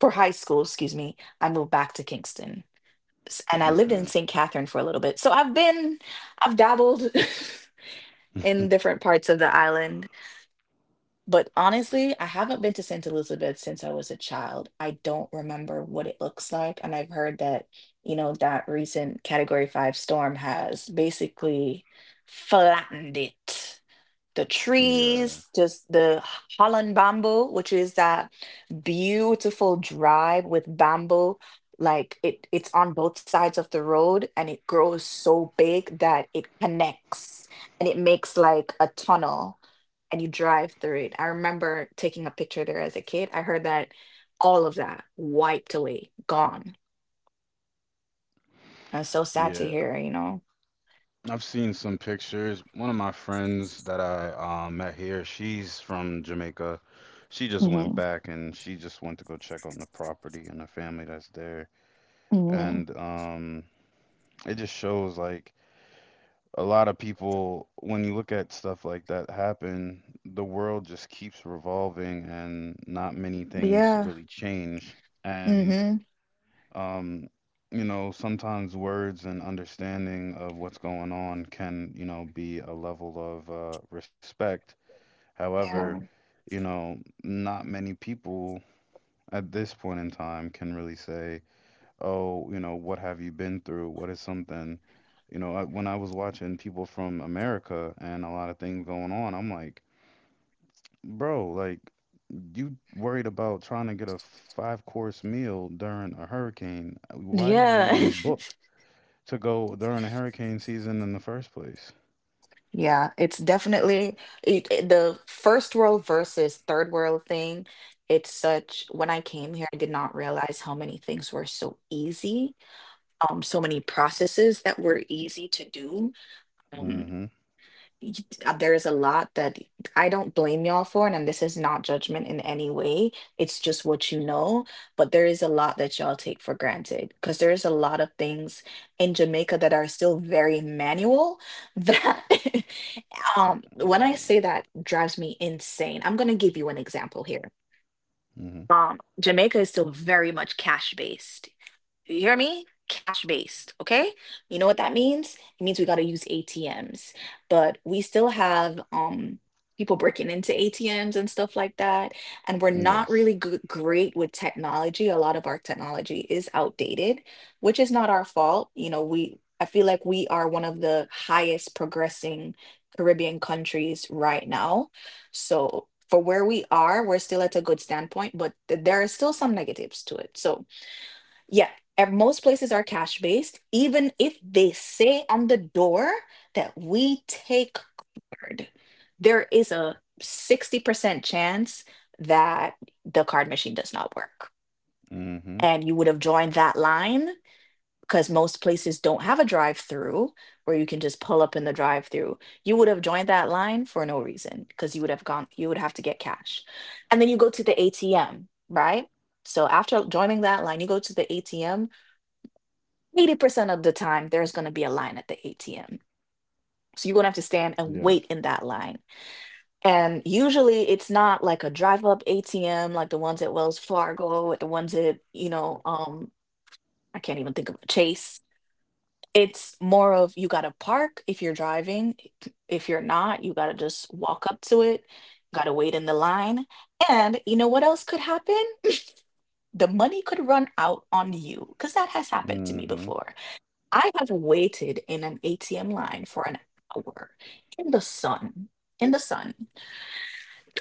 [SPEAKER 1] for high school, excuse me, I moved back to Kingston. And I lived in
[SPEAKER 2] Okay.
[SPEAKER 1] St. Catherine for a little bit. So I've dabbled in different parts of the island. But honestly, I haven't been to St. Elizabeth since I was a child. I don't remember what it looks like. And I've heard that, you know, that recent Category 5 storm has basically flattened it the
[SPEAKER 2] Yeah.
[SPEAKER 1] trees, just the Holland bamboo, which is that beautiful drive with bamboo. Like it's on both sides of the road and it grows so big that it connects and it makes like a tunnel and you drive through it. I remember taking a picture there as a kid. I heard that all of that wiped away, gone. And it's so sad to
[SPEAKER 2] Yeah.
[SPEAKER 1] hear, you know?
[SPEAKER 2] I've seen some pictures. One of my friends that I met here, she's from Jamaica. She just went
[SPEAKER 1] Hmm.
[SPEAKER 2] back and she just went to go check on the property and the family that's there.
[SPEAKER 1] Hmm.
[SPEAKER 2] And it just shows like a lot of people, when you look at stuff like that happen, the world just keeps revolving and not many things
[SPEAKER 1] Yeah.
[SPEAKER 2] really change. And
[SPEAKER 1] Hmm.
[SPEAKER 2] um, you know, sometimes words and understanding of what's going on can, you know, be a level of respect. However,
[SPEAKER 1] Yeah.
[SPEAKER 2] you know, not many people at this point in time can really say, oh, you know, what have you been through? What is something, you know, when I was watching people from America and a lot of things going on, I'm like, bro, like, you worried about trying to get a five course meal during a hurricane. Why did you
[SPEAKER 1] Yeah.
[SPEAKER 2] even book? To go during the hurricane season in the first place.
[SPEAKER 1] Yeah, it's definitely the first world versus third world thing. It's such, when I came here, I did not realize how many things were so easy, so many processes that were easy to do. Um,
[SPEAKER 2] Mm-hmm.
[SPEAKER 1] y- there is a lot that I don't blame y'all for, and this is not judgment in any way. It's just what you know, but there is a lot that y'all take for granted because there is a lot of things in Jamaica that are still very manual that When I say that drives me insane, I'm gonna give you an example here.
[SPEAKER 2] Mm-hmm.
[SPEAKER 1] Jamaica is still very much cash based. Do you hear me? Cash based, okay? You know what that means? It means we got to use ATMs, but we still have people breaking into ATMs and stuff like that, and we're not
[SPEAKER 2] Yes.
[SPEAKER 1] really good, great with technology. A lot of our technology is outdated, which is not our fault. You know, we I feel like we are one of the highest progressing Caribbean countries right now. So for where we are, we're still at a good standpoint, but there are still some negatives to it. So yeah, at most places are cash based, even if they say on the door that we take card. There is a 60% chance that the card machine does not work.
[SPEAKER 2] Mm-hmm.
[SPEAKER 1] And you would have joined that line because most places don't have a drive through where you can just pull up in the drive through. You would have joined that line for no reason because you would have gone, you would have to get cash. And then you go to the ATM, right? So after joining that line, you go to the ATM. 80% of the time there's going to be a line at the ATM. So you're going to have to stand and
[SPEAKER 2] Yes.
[SPEAKER 1] wait in that line. And usually it's not like a drive up ATM like the ones at Wells Fargo, the ones at, I can't even think of Chase. It's more of you got to park if you're driving. If you're not, you got to just walk up to it. Got to wait in the line. And you know what else could happen? The money could run out on you because that has happened to me
[SPEAKER 2] Mm-hmm.
[SPEAKER 1] before. I have waited in an ATM line for an hour in the sun, in the sun,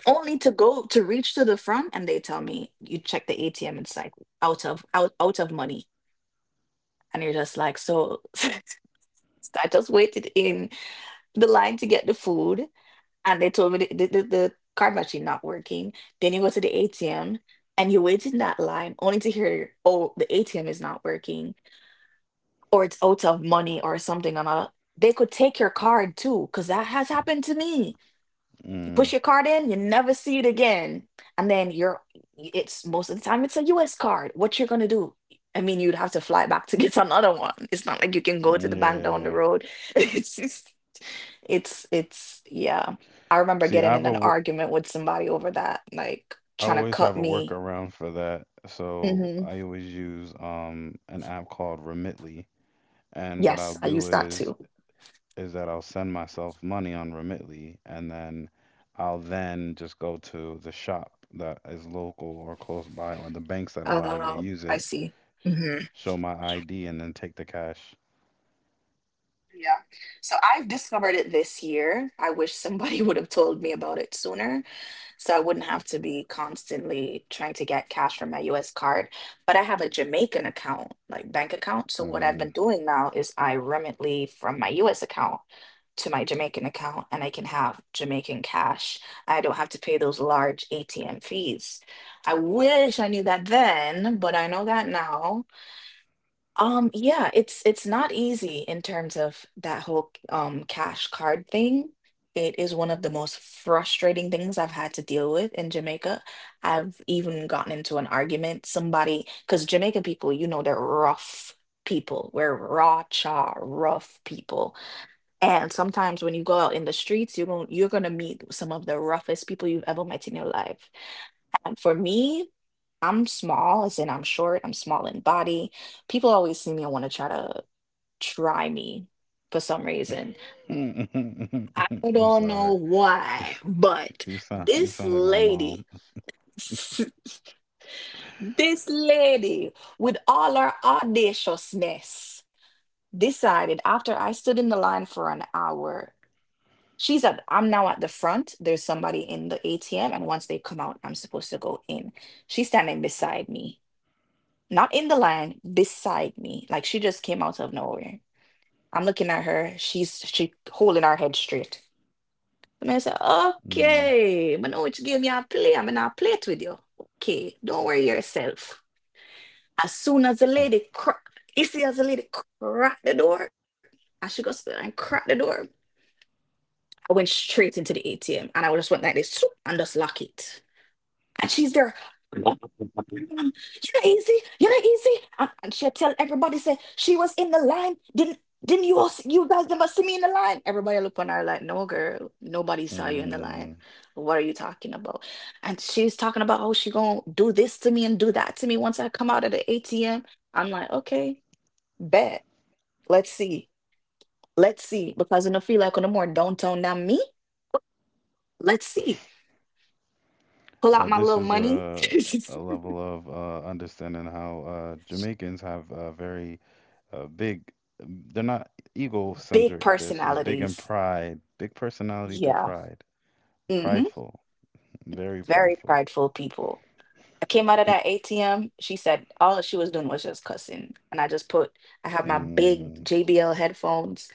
[SPEAKER 1] only to go to reach to the front and they tell me you check the ATM, it's like out of money. And you're just like, so so I just waited in the line to get the food and they told me the card machine not working. Then you go to the ATM and you wait in that line only to hear, oh, the ATM is not working or it's out of money or something or not. They could take your card too, because that has happened to me. You push
[SPEAKER 2] Mm.
[SPEAKER 1] your card in, you never see it again. And then you're it's most of the time it's a US card. What you're gonna do? I mean, you'd have to fly back to get another one. It's not like you can go to the bank down the
[SPEAKER 2] Yeah.
[SPEAKER 1] road. It's just it's yeah. I remember
[SPEAKER 2] See,
[SPEAKER 1] getting in an argument with somebody over that, like
[SPEAKER 2] I
[SPEAKER 1] trying to
[SPEAKER 2] always
[SPEAKER 1] cut
[SPEAKER 2] have a
[SPEAKER 1] me.
[SPEAKER 2] workaround for that. So
[SPEAKER 1] Hmm.
[SPEAKER 2] I always use an app called Remitly, and what I'll
[SPEAKER 1] Yes, I use
[SPEAKER 2] do
[SPEAKER 1] that
[SPEAKER 2] is
[SPEAKER 1] too.
[SPEAKER 2] is that I'll send myself money on Remitly, and then I'll then just go to the shop that is local or close by, or the banks that allow you to use
[SPEAKER 1] I
[SPEAKER 2] it,
[SPEAKER 1] see. Hmm.
[SPEAKER 2] show my ID and then take the cash.
[SPEAKER 1] Yeah. So I've discovered it this year. I wish somebody would have told me about it sooner so I wouldn't have to be constantly trying to get cash from my US card. But I have a Jamaican account, like bank account. So what I've
[SPEAKER 2] Mm.
[SPEAKER 1] been doing now is I remitly from my US account to my Jamaican account and I can have Jamaican cash. I don't have to pay those large ATM fees. I wish I knew that then, but I know that now. Yeah, it's not easy in terms of that whole cash card thing. It is one of the most frustrating things I've had to deal with in Jamaica. I've even gotten into an argument. Somebody, because Jamaican people, they're rough people. We're raw, cha, rough people. And sometimes when you go out in the streets, you're going to meet some of the roughest people you've ever met in your life. And for me, I'm small, as in I'm short, I'm small in body. People always see me and want to try me for some reason. I
[SPEAKER 2] I'm
[SPEAKER 1] don't know
[SPEAKER 2] sorry.
[SPEAKER 1] why, but
[SPEAKER 2] You sound you
[SPEAKER 1] this
[SPEAKER 2] sound like my
[SPEAKER 1] lady,
[SPEAKER 2] mom.
[SPEAKER 1] this lady with all her audaciousness decided after I stood in the line for an hour. I'm now at the front. There's somebody in the ATM, and once they come out, I'm supposed to go in. She's standing beside me, not in the line, beside me. Like she just came out of nowhere. I'm looking at her. She holding her head straight. The man said,
[SPEAKER 2] Mm.
[SPEAKER 1] "Okay, I know which game you play. I'm gonna play it with you. Okay, don't worry yourself." As soon as the lady cr You see as the lady cracked the door, as she goes and crack the door. I went straight into the ATM and I just went like this swoop, and just lock it. And she's there. "Mm, you're not easy. You're not easy." And she'll tell everybody, say, she was in the line. Didn't you all see, you guys never see me in the line? Everybody look on her like, no girl, nobody saw you in the line.
[SPEAKER 2] Mm.
[SPEAKER 1] What are you talking about? And she's talking about how she gonna do this to me and do that to me once I come out of the ATM. I'm like, okay, bet. Let's see. Let's see. Because I feel like on the more downtown than me, let's see. Pull out
[SPEAKER 2] Uh,
[SPEAKER 1] my
[SPEAKER 2] this
[SPEAKER 1] little
[SPEAKER 2] is
[SPEAKER 1] money.
[SPEAKER 2] a level of understanding how Jamaicans have a very big, they're not
[SPEAKER 1] Big
[SPEAKER 2] egocentric. This is big in
[SPEAKER 1] personalities.
[SPEAKER 2] pride, big personality through
[SPEAKER 1] Yeah.
[SPEAKER 2] pride,
[SPEAKER 1] Mm-hmm.
[SPEAKER 2] prideful, very
[SPEAKER 1] Very
[SPEAKER 2] prideful.
[SPEAKER 1] prideful people. I came out of that ATM. She said all she was doing was just cussing. And I just put, I have my big
[SPEAKER 2] Mm,
[SPEAKER 1] JBL headphones,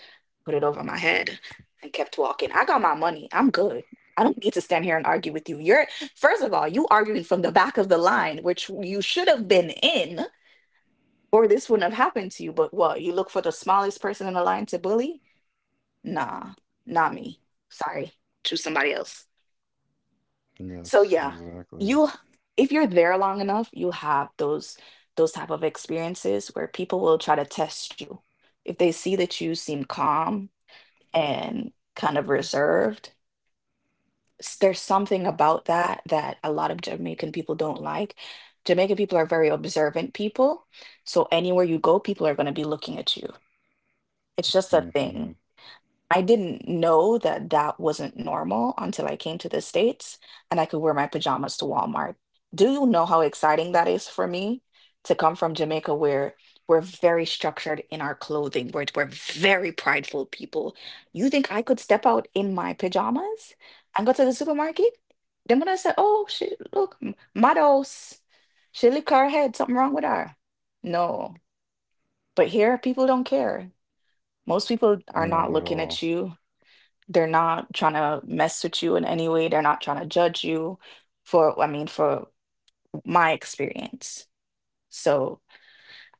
[SPEAKER 1] put it over my head, and kept walking. I got my money. I'm good. I don't need to stand here and argue with you. You're, first of all, you arguing from the back of the line, which you should have been in, or this wouldn't have happened to you. But what? You look for the smallest person in the line to bully? Nah, not me. Sorry. Choose somebody else. So
[SPEAKER 2] yes,
[SPEAKER 1] yeah,
[SPEAKER 2] exactly.
[SPEAKER 1] you if you're there long enough, you will have those type of experiences where people will try to test you. If they see that you seem calm and kind of reserved, there's something about that that a lot of Jamaican people don't like. Jamaican people are very observant people, so anywhere you go, people are going to be looking at you. It's just a thing.
[SPEAKER 2] Hmm.
[SPEAKER 1] I didn't know that that wasn't normal until I came to the States and I could wear my pajamas to Walmart. Do you know how exciting that is for me to come from Jamaica where we're very structured in our clothing, where we're very prideful people? You think I could step out in my pajamas and go to the supermarket? Then when I say, oh, she look, Mados, she lick her head, something wrong with her. No, but here people don't care. Most people are
[SPEAKER 2] Not at
[SPEAKER 1] not looking
[SPEAKER 2] all.
[SPEAKER 1] at you, they're not trying to mess with you in any way. They're not trying to judge you for, for my experience. So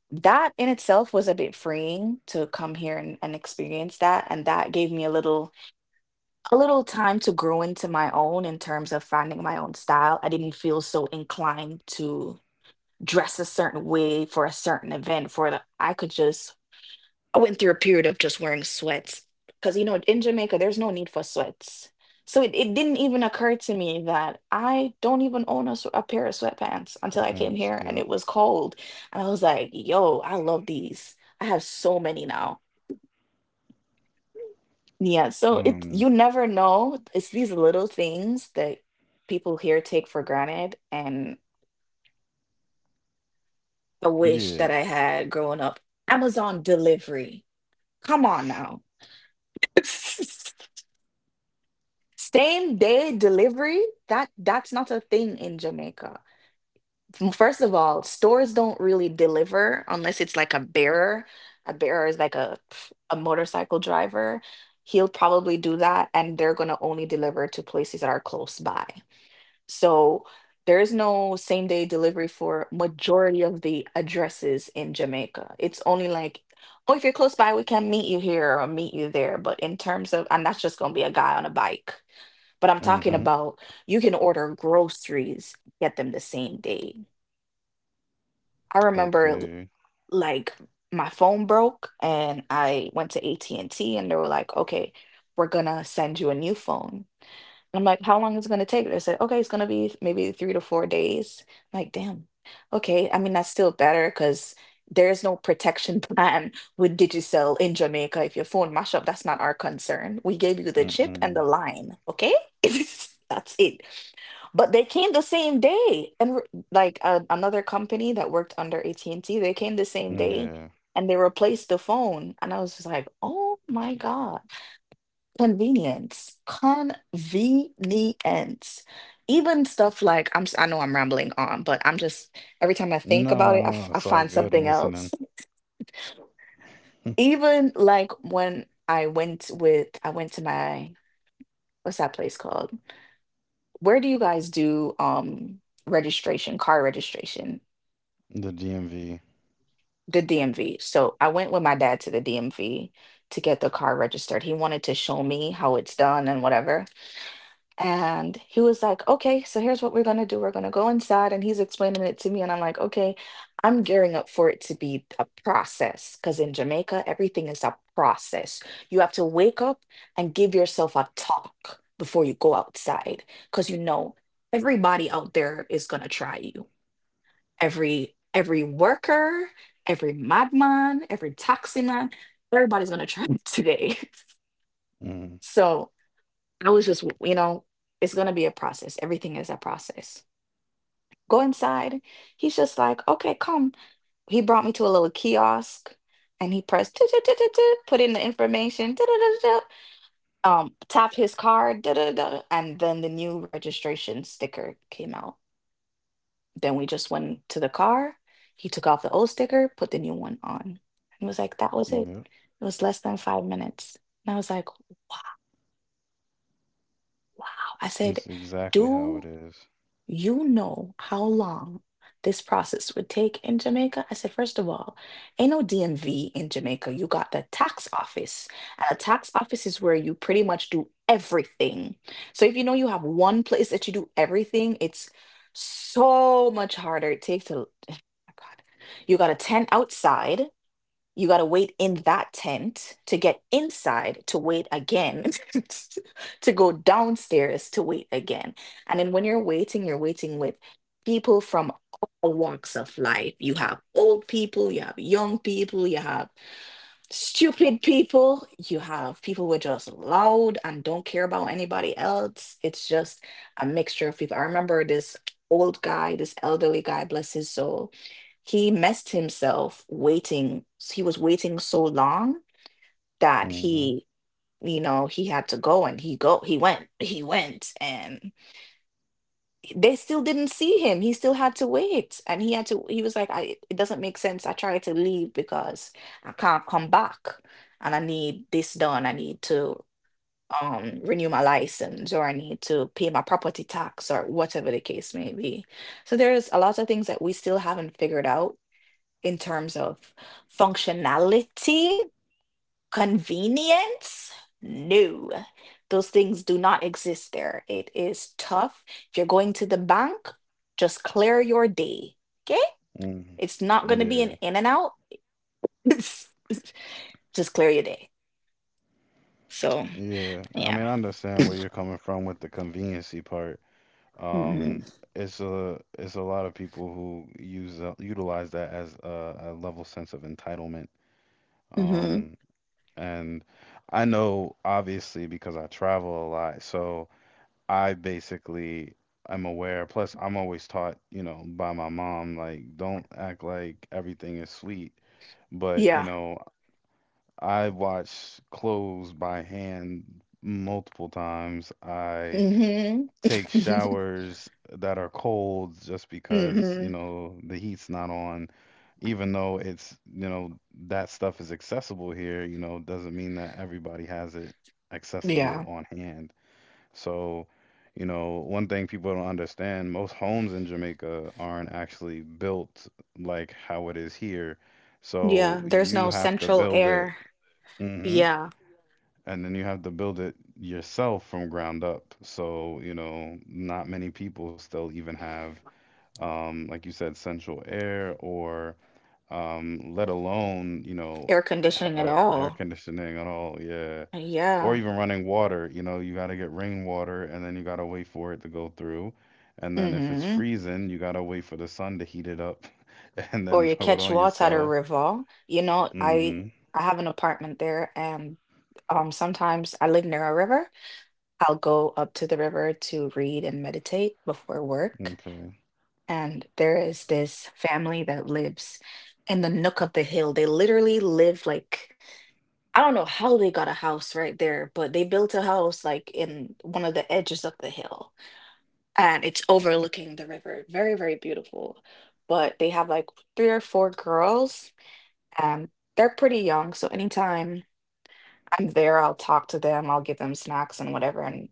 [SPEAKER 1] that in itself was a bit freeing to come here and experience that. And that gave me a little time to grow into my own in terms of finding my own style. I didn't feel so inclined to dress a certain way for a certain event for I could just I went through a period of just wearing sweats because, you know, in Jamaica, there's no need for sweats. So it didn't even occur to me that I don't even own a pair of sweatpants
[SPEAKER 2] Four
[SPEAKER 1] until I came
[SPEAKER 2] pence.
[SPEAKER 1] here and
[SPEAKER 2] Yep.
[SPEAKER 1] it was cold. And I was like, yo, I love these. I have so many now. Yeah, so it
[SPEAKER 2] Um.
[SPEAKER 1] you never know. It's these little things that people here take for granted. And I wish
[SPEAKER 2] Yeah.
[SPEAKER 1] that I had growing up. Amazon delivery. Come on now. Same day delivery, that's not a thing in Jamaica. First of all, stores don't really deliver unless it's like a bearer. A bearer is like a motorcycle driver. He'll probably do that, and they're gonna only deliver to places that are close by. So there is no same day delivery for majority of the addresses in Jamaica. It's only like, oh, if you're close by, we can meet you here or meet you there. But in terms of, and that's just gonna be a guy on a bike. But I'm talking
[SPEAKER 2] Mm-hmm.
[SPEAKER 1] about you can order groceries, get them the same day. I remember
[SPEAKER 2] Okay.
[SPEAKER 1] like my phone broke and I went to AT&T and T and they were like, okay, we're gonna send you a new phone. I'm like, how long is it going to take? They said, okay, it's going to be maybe 3 to 4 days. I'm like, damn. Okay. I mean, that's still better because there's no protection plan with Digicel in Jamaica. If your phone mash up, that's not our concern. We gave you the chip and the
[SPEAKER 2] Mm-mm.
[SPEAKER 1] line. Okay. That's it. But they came the same day. And like another company that worked under AT&T, they came the same day
[SPEAKER 2] Yeah.
[SPEAKER 1] and they replaced the phone. And I was just like, oh my God. Convenience. Convenience. Even stuff like I know I'm rambling on, but I'm just every time I think
[SPEAKER 2] No, no,
[SPEAKER 1] about it,
[SPEAKER 2] no, no,
[SPEAKER 1] I
[SPEAKER 2] it's all
[SPEAKER 1] find
[SPEAKER 2] good. I'm
[SPEAKER 1] something else.
[SPEAKER 2] listening.
[SPEAKER 1] Even like when I went with I went to my what's that place called? Where do you guys do registration, car registration?
[SPEAKER 2] The DMV.
[SPEAKER 1] The DMV. So I went with my dad to the DMV to get the car registered. He wanted to show me how it's done and whatever. And he was like, okay, so here's what we're going to do. We're going to go inside. And he's explaining it to me. And I'm like, okay, I'm gearing up for it to be a process. Because in Jamaica, everything is a process. You have to wake up and give yourself a talk before you go outside. Because you know, everybody out there is going to try you. Every worker, every madman, every taxi man, everybody's going to try you today.
[SPEAKER 2] Mm-hmm.
[SPEAKER 1] So I was just, you know, it's going to be a process. Everything is a process. Go inside. He's just like, okay, come. He brought me to a little kiosk and he pressed, "Tut, tut, tut, tut, tut," put in the information, tut, tut, tut, tut, tut, tapped his card, da, da, da, and then the new registration sticker came out. Then we just went to the car. He took off the old sticker, put the new one on. He was like, that was it.
[SPEAKER 2] Yep.
[SPEAKER 1] It was less than 5 minutes. And I was like, wow. Wow. I said,
[SPEAKER 2] That's exactly how it
[SPEAKER 1] do
[SPEAKER 2] is.
[SPEAKER 1] you know how long this process would take in Jamaica? I said, first of all, ain't no DMV in Jamaica. You got the tax office. And a tax office is where you pretty much do everything. So if you know you have one place that you do everything, it's so much harder. It takes a, oh my God. You got a tent outside, you got to wait in that tent to get inside to wait again, to go downstairs to wait again. And then when you're waiting with people from all walks of life. You have old people, you have young people, you have stupid people. You have people who are just loud and don't care about anybody else. It's just a mixture of people. I remember this old guy, this elderly guy, bless his soul. He messed himself waiting. He was waiting so long that
[SPEAKER 2] Mm-hmm.
[SPEAKER 1] he, you know, he had to go and he went, he went. And they still didn't see him. He still had to wait. And he was like, it doesn't make sense. I tried to leave because I can't come back and I need this done. I need to renew my license or I need to pay my property tax or whatever the case may be. So there's a lot of things that we still haven't figured out in terms of functionality. Convenience? No, those things do not exist there. It is tough. If you're going to the bank, just clear your day. Okay?
[SPEAKER 2] Mm-hmm.
[SPEAKER 1] It's not going to be an
[SPEAKER 2] Yeah.
[SPEAKER 1] in and out. Just clear your day. So,
[SPEAKER 2] Yeah. I
[SPEAKER 1] yeah.
[SPEAKER 2] mean, I understand where you're coming from with the conveniency part.
[SPEAKER 1] Mm-hmm.
[SPEAKER 2] Um, it's a lot of people who use utilize that as a level sense of entitlement.
[SPEAKER 1] hmm
[SPEAKER 2] Um. And I know, obviously, because I travel a lot, so I basically am aware. Plus, I'm always taught, you know, by my mom, like, don't act like everything is sweet. But, you
[SPEAKER 1] Yeah.
[SPEAKER 2] know, I wash clothes by hand multiple times. I
[SPEAKER 1] hmm
[SPEAKER 2] take showers that are cold just because, you
[SPEAKER 1] hmm
[SPEAKER 2] know, the heat's not on. Even though it's, you know, that stuff is accessible here, you know, doesn't mean that everybody has it accessible
[SPEAKER 1] Yeah.
[SPEAKER 2] on hand. So, you know, one thing people don't understand, most homes in Jamaica aren't actually built like how it is here.
[SPEAKER 1] Yeah,
[SPEAKER 2] So
[SPEAKER 1] there's
[SPEAKER 2] you
[SPEAKER 1] no
[SPEAKER 2] have to
[SPEAKER 1] central
[SPEAKER 2] build it.
[SPEAKER 1] air.
[SPEAKER 2] Mm-hmm.
[SPEAKER 1] Yeah.
[SPEAKER 2] And then you have to build it yourself from ground up. So, you know, not many people still even have, like you said, central air or let alone, you know,
[SPEAKER 1] Air conditioning at
[SPEAKER 2] air
[SPEAKER 1] all.
[SPEAKER 2] conditioning at all. Yeah. Or
[SPEAKER 1] Yeah.
[SPEAKER 2] even running water. You know, you got to get rainwater and then you got to wait for it to go through. And then if it's
[SPEAKER 1] hmm
[SPEAKER 2] freezing, you got to wait for the sun to heat it up and
[SPEAKER 1] or
[SPEAKER 2] then
[SPEAKER 1] you
[SPEAKER 2] throw it
[SPEAKER 1] catch
[SPEAKER 2] on
[SPEAKER 1] water at a
[SPEAKER 2] yourself.
[SPEAKER 1] river. I
[SPEAKER 2] Mm-hmm.
[SPEAKER 1] I have an apartment there, and sometimes I live near a river. I'll go up to the river to read and meditate before work.
[SPEAKER 2] Okay.
[SPEAKER 1] And there is this family that lives in the nook of the hill. They literally live like, I don't know how they got a house right there, but they built a house like in one of the edges of the hill, and it's overlooking the river. Very, very beautiful. But they have like three or four girls, um, they're pretty young, so anytime I'm there, I'll talk to them, I'll give them snacks and whatever, and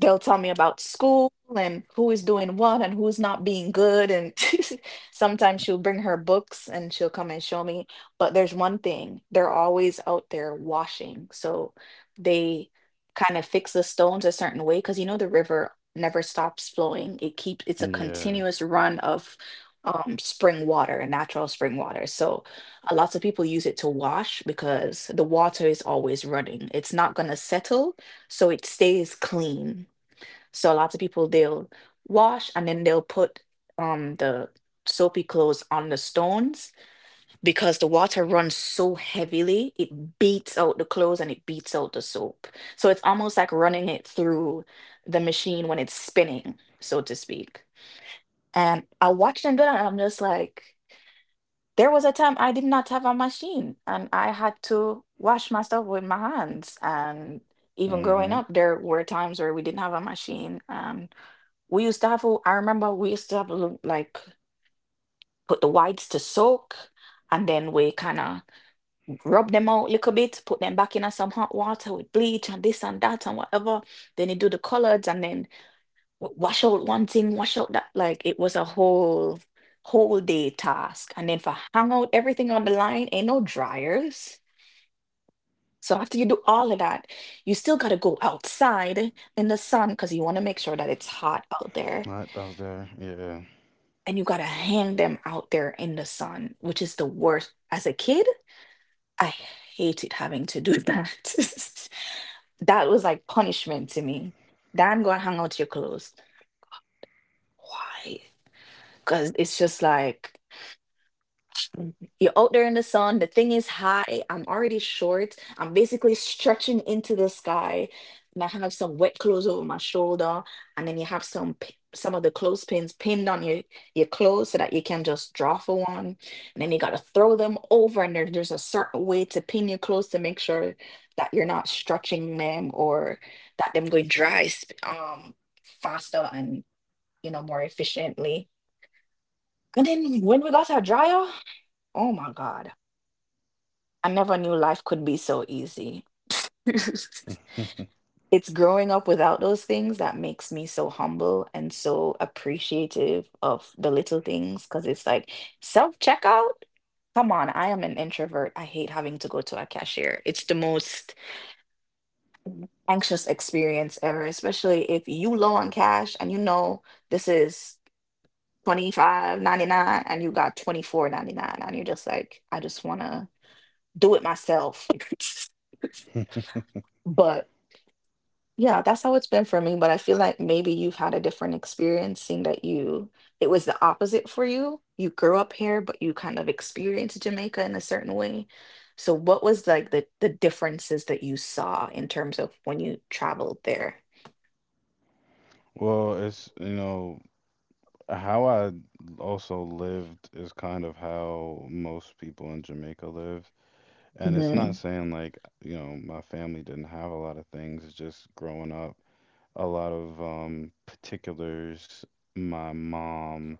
[SPEAKER 1] they'll tell me about school and who is doing what and who's not being good, and sometimes she'll bring her books and she'll come and show me. But there's one thing, they're always out there washing. So they kind of fix the stones a certain way, because you know the river never stops flowing. It's a
[SPEAKER 2] Yeah.
[SPEAKER 1] continuous run of spring water, natural spring water. So lots of people use it to wash, because the water is always running, it's not going to settle, so it stays clean. So lots of people, they'll wash and then they'll put the soapy clothes on the stones, because the water runs so heavily it beats out the clothes and it beats out the soap. So it's almost like running it through the machine when it's spinning, so to speak. And I watched them do that and I'm just like, there was a time I did not have a machine and I had to wash myself with my hands. And even growing
[SPEAKER 2] Mm-hmm.
[SPEAKER 1] up, there were times where we didn't have a machine. And. We used to have, I remember we used to have a little, like, put the whites to soak and then we kind of rub them out a little bit, put them back in some hot water with bleach and this and that and whatever. Then you do the coloreds, and then wash out one thing, wash out that. Like it was a whole, whole day task. And then for hang out everything on the line, ain't no dryers. So after you do all of that, you still got to go outside in the sun because you want to make sure that it's hot out there,
[SPEAKER 2] I was there. Yeah.
[SPEAKER 1] and you gotta hang them out there in the sun, which is the worst. As a kid, I hated having to do that. That was like punishment to me. Dan, go and hang out your clothes. Why? Because it's just like, you're out there in the sun. The thing is high. I'm already short. I'm basically stretching into the sky. And I have some wet clothes over my shoulder. And then you have some some of the clothespins pinned on your clothes so that you can just draw for one. And then you got to throw them over. And there, there's a certain way to pin your clothes to make sure that you're not stretching them, or that them go dry faster and, you know, more efficiently. And then when we got our dryer, oh my God, I never knew life could be so easy. It's growing up without those things that makes me so humble and so appreciative of the little things, because it's like self checkout. Come on, I am an introvert. I hate having to go to a cashier. It's the most anxious experience ever, especially if you low on cash and you know this is 25.99 and you got 24.99 and you're just like, I just wanna do it myself. But yeah, that's how it's been for me, but I feel like maybe you've had a different experience, seeing that you it was the opposite for you. You grew up here, but you kind of experienced Jamaica in a certain way. So what was like the differences that you saw in terms of when you traveled there?
[SPEAKER 2] Well, it's, you know, how I also lived is kind of how most people in Jamaica live. And it's not
[SPEAKER 1] Mm-hmm.
[SPEAKER 2] saying like, you know, my family didn't have a lot of things. It's just growing up, a lot of particulars my mom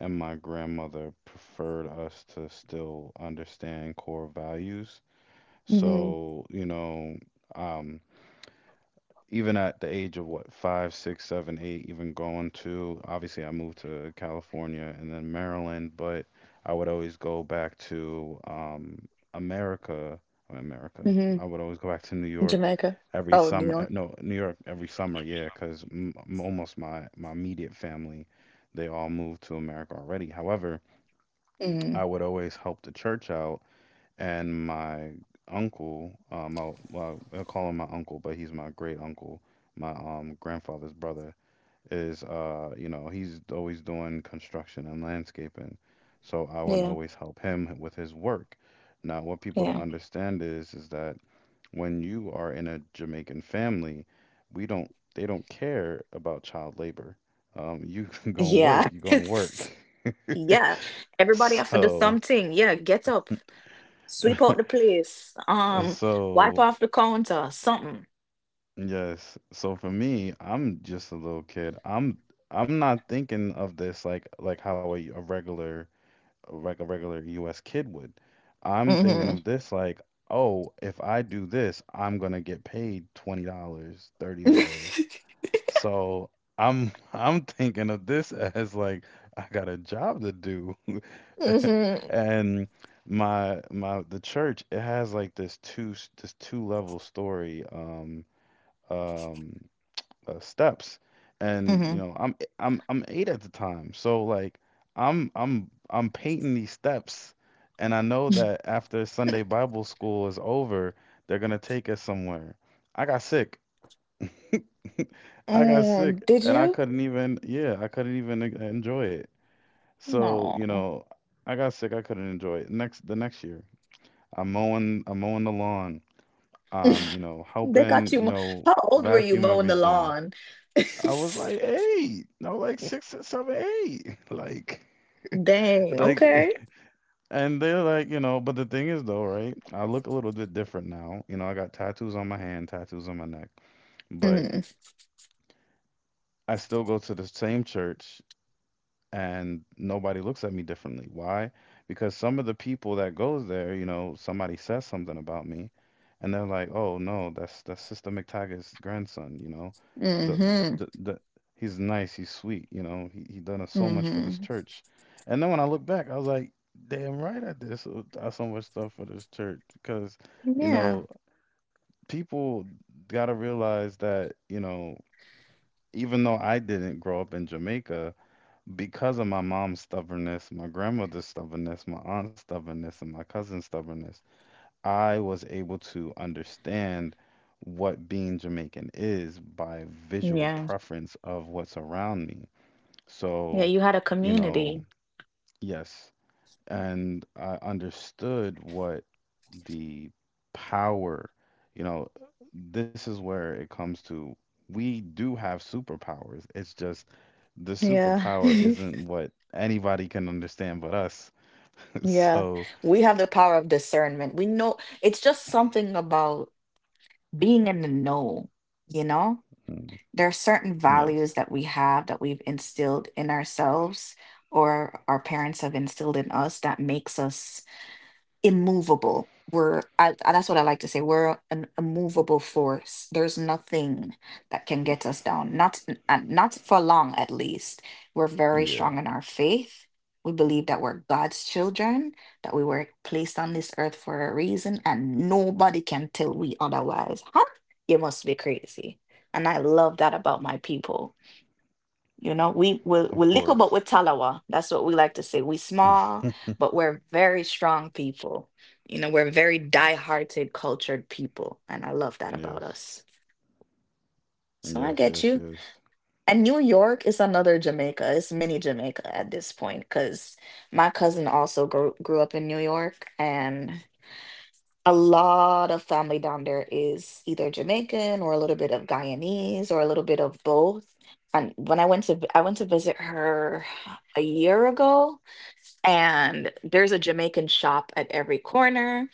[SPEAKER 2] and my grandmother preferred us to still understand core values.
[SPEAKER 1] Mm-hmm.
[SPEAKER 2] So, you know, um, even at the age of what, five, six, seven, eight, even going to, obviously, I moved to California and then Maryland, but I would always go back to America, I mean, America. I would
[SPEAKER 1] Mm-hmm.
[SPEAKER 2] always go back to New York
[SPEAKER 1] Jamaica.
[SPEAKER 2] every
[SPEAKER 1] Oh, New
[SPEAKER 2] summer.
[SPEAKER 1] York.
[SPEAKER 2] No, New York every summer, yeah, because almost my immediate family, they all moved to America already. However, I
[SPEAKER 1] Mm,
[SPEAKER 2] would always help the church out, and my uncle, my well, I call him my uncle, but he's my great uncle, my grandfather's brother is you know, he's always doing construction and landscaping, so I would
[SPEAKER 1] yeah,
[SPEAKER 2] always help him with his work. Now, what people don't
[SPEAKER 1] yeah.
[SPEAKER 2] understand is that when you are in a Jamaican family, we don't they don't care about child labor. You go and work,
[SPEAKER 1] Yeah.
[SPEAKER 2] you go and work.
[SPEAKER 1] Yeah. Everybody have to do
[SPEAKER 2] So,
[SPEAKER 1] something. Yeah, get up. Sweep out the place, wipe
[SPEAKER 2] so
[SPEAKER 1] off the counter, something.
[SPEAKER 2] Yes. So for me, I'm just a little kid. I'm not thinking of this like how a regular a regular US kid would. I'm thinking
[SPEAKER 1] hmm
[SPEAKER 2] of this like, oh, if I do this, I'm gonna get paid $20 dollars, $30. So I'm I'm thinking of this as like I got a job to do.
[SPEAKER 1] hmm
[SPEAKER 2] And my the church, it has like this two level story. Um steps, and you
[SPEAKER 1] hmm
[SPEAKER 2] know, I'm eh, I'm eight at the time, so like I'm painting these steps, and I know that after Sunday bible school is over, they're gonna take us somewhere. i got sick I got sick
[SPEAKER 1] Oh, did
[SPEAKER 2] and i
[SPEAKER 1] you?
[SPEAKER 2] couldn't even yeah i couldn't even en- enjoy it, so
[SPEAKER 1] No.
[SPEAKER 2] I got sick. I couldn't enjoy it. Next the next year, I'm mowing the lawn,
[SPEAKER 1] They got
[SPEAKER 2] helping,
[SPEAKER 1] you. How old were you
[SPEAKER 2] vacuum
[SPEAKER 1] mowing the
[SPEAKER 2] everything.
[SPEAKER 1] lawn?
[SPEAKER 2] I was like eight, no, like six or seven, eight, like,
[SPEAKER 1] Dang,
[SPEAKER 2] like,
[SPEAKER 1] okay.
[SPEAKER 2] and they're like, you know. But the thing is, though, right? I look a little bit different now. You know, I got tattoos on my hand, tattoos on my neck, but
[SPEAKER 1] Mm-hmm.
[SPEAKER 2] I still go to the same church. And nobody looks at me differently. Why? Because some of the people that goes there, you know, somebody says something about me, and they're like, "Oh no, that's Sister McTaggart's grandson." You know, the
[SPEAKER 1] Mm-hmm.
[SPEAKER 2] the he's nice, he's sweet. You know, he done us so much for this
[SPEAKER 1] Mm-hmm.
[SPEAKER 2] church. And then when I look back, I was like, "Damn right I did so much stuff for this church." Because you
[SPEAKER 1] Yeah.
[SPEAKER 2] know, people gotta realize that you know, even though I didn't grow up in Jamaica because of my mom's stubbornness, my grandmother's stubbornness, my aunt's stubbornness, and my cousin's stubbornness, I was able to understand what being Jamaican is by visual
[SPEAKER 1] Yeah.
[SPEAKER 2] preference of what's around me.
[SPEAKER 1] Yeah,
[SPEAKER 2] So,
[SPEAKER 1] you had a
[SPEAKER 2] you know,
[SPEAKER 1] community.
[SPEAKER 2] yes. And I understood what the power, you know, this is where it comes to, we do have superpowers. It's just the
[SPEAKER 1] Yeah.
[SPEAKER 2] superpower isn't what anybody can understand but us.
[SPEAKER 1] Yeah.
[SPEAKER 2] So,
[SPEAKER 1] We have the power of discernment. We know it's just something about being in the know, you know?
[SPEAKER 2] mm,
[SPEAKER 1] There are certain values
[SPEAKER 2] yes.
[SPEAKER 1] that we have that we've instilled in ourselves, or our parents have instilled in us, that makes us immovable. That's what I like to say. We're an immovable force. There's nothing that can get us down. Not, and not for long, at least. We're very
[SPEAKER 2] Yeah,
[SPEAKER 1] strong in our faith. We believe that we're God's children, that we were placed on this earth for a reason, and nobody can tell we otherwise. Huh? You must be crazy. And I love that about my people. You know, we we're,
[SPEAKER 2] of
[SPEAKER 1] we're little, but we're
[SPEAKER 2] course.
[SPEAKER 1] talawa. That's what we like to say. We small, but we're very strong people. You know, we're very die-hearted, cultured people, and I love that about
[SPEAKER 2] Yes.
[SPEAKER 1] us. So I
[SPEAKER 2] Yes,
[SPEAKER 1] get you.
[SPEAKER 2] yes, yes.
[SPEAKER 1] And New York is another Jamaica. It's mini Jamaica at this point, because my cousin also grew up in New York. And. A lot of family down there is either Jamaican or a little bit of Guyanese or a little bit of both. And when I went to visit her a year ago, and there's a Jamaican shop at every corner.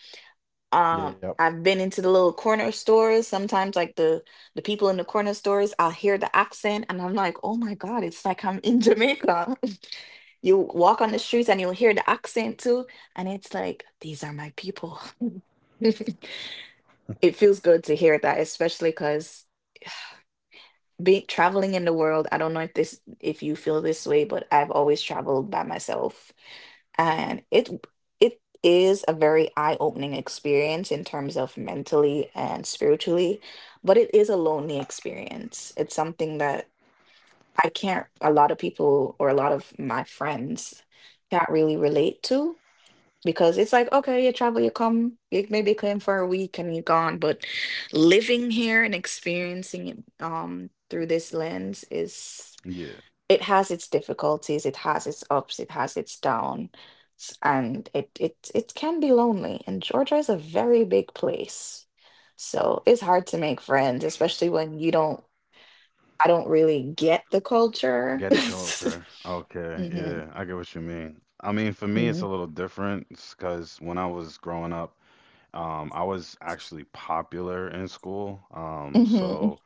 [SPEAKER 2] Yep.
[SPEAKER 1] I've been into the little corner stores. Sometimes, like the people in the corner stores, I'll hear the accent, and I'm like, oh my God, it's like I'm in Jamaica. You walk on the streets and you'll hear the accent too, and it's like, these are my people. It feels good to hear that, especially because being traveling in the world, I don't know if this if you feel this way, but I've always traveled by myself. And it is a very eye-opening experience in terms of mentally and spiritually, but it is a lonely experience. It's something that I can't a lot of people or a lot of my friends can't really relate to, because it's like, okay, you travel, you come, you maybe come for a week and you're gone. But living here and experiencing it through this lens, is
[SPEAKER 2] Yeah.
[SPEAKER 1] it has its difficulties, it has its ups, it has its downs, and it can be lonely. And Georgia is a very big place, so it's hard to make friends, especially when you don't, I don't really get the culture.
[SPEAKER 2] Get culture. Okay.
[SPEAKER 1] hmm
[SPEAKER 2] Yeah, I get what you mean. I mean, for me, it's
[SPEAKER 1] hmm
[SPEAKER 2] a little different because when I was growing up, I was actually popular in school. Um,
[SPEAKER 1] hmm
[SPEAKER 2] so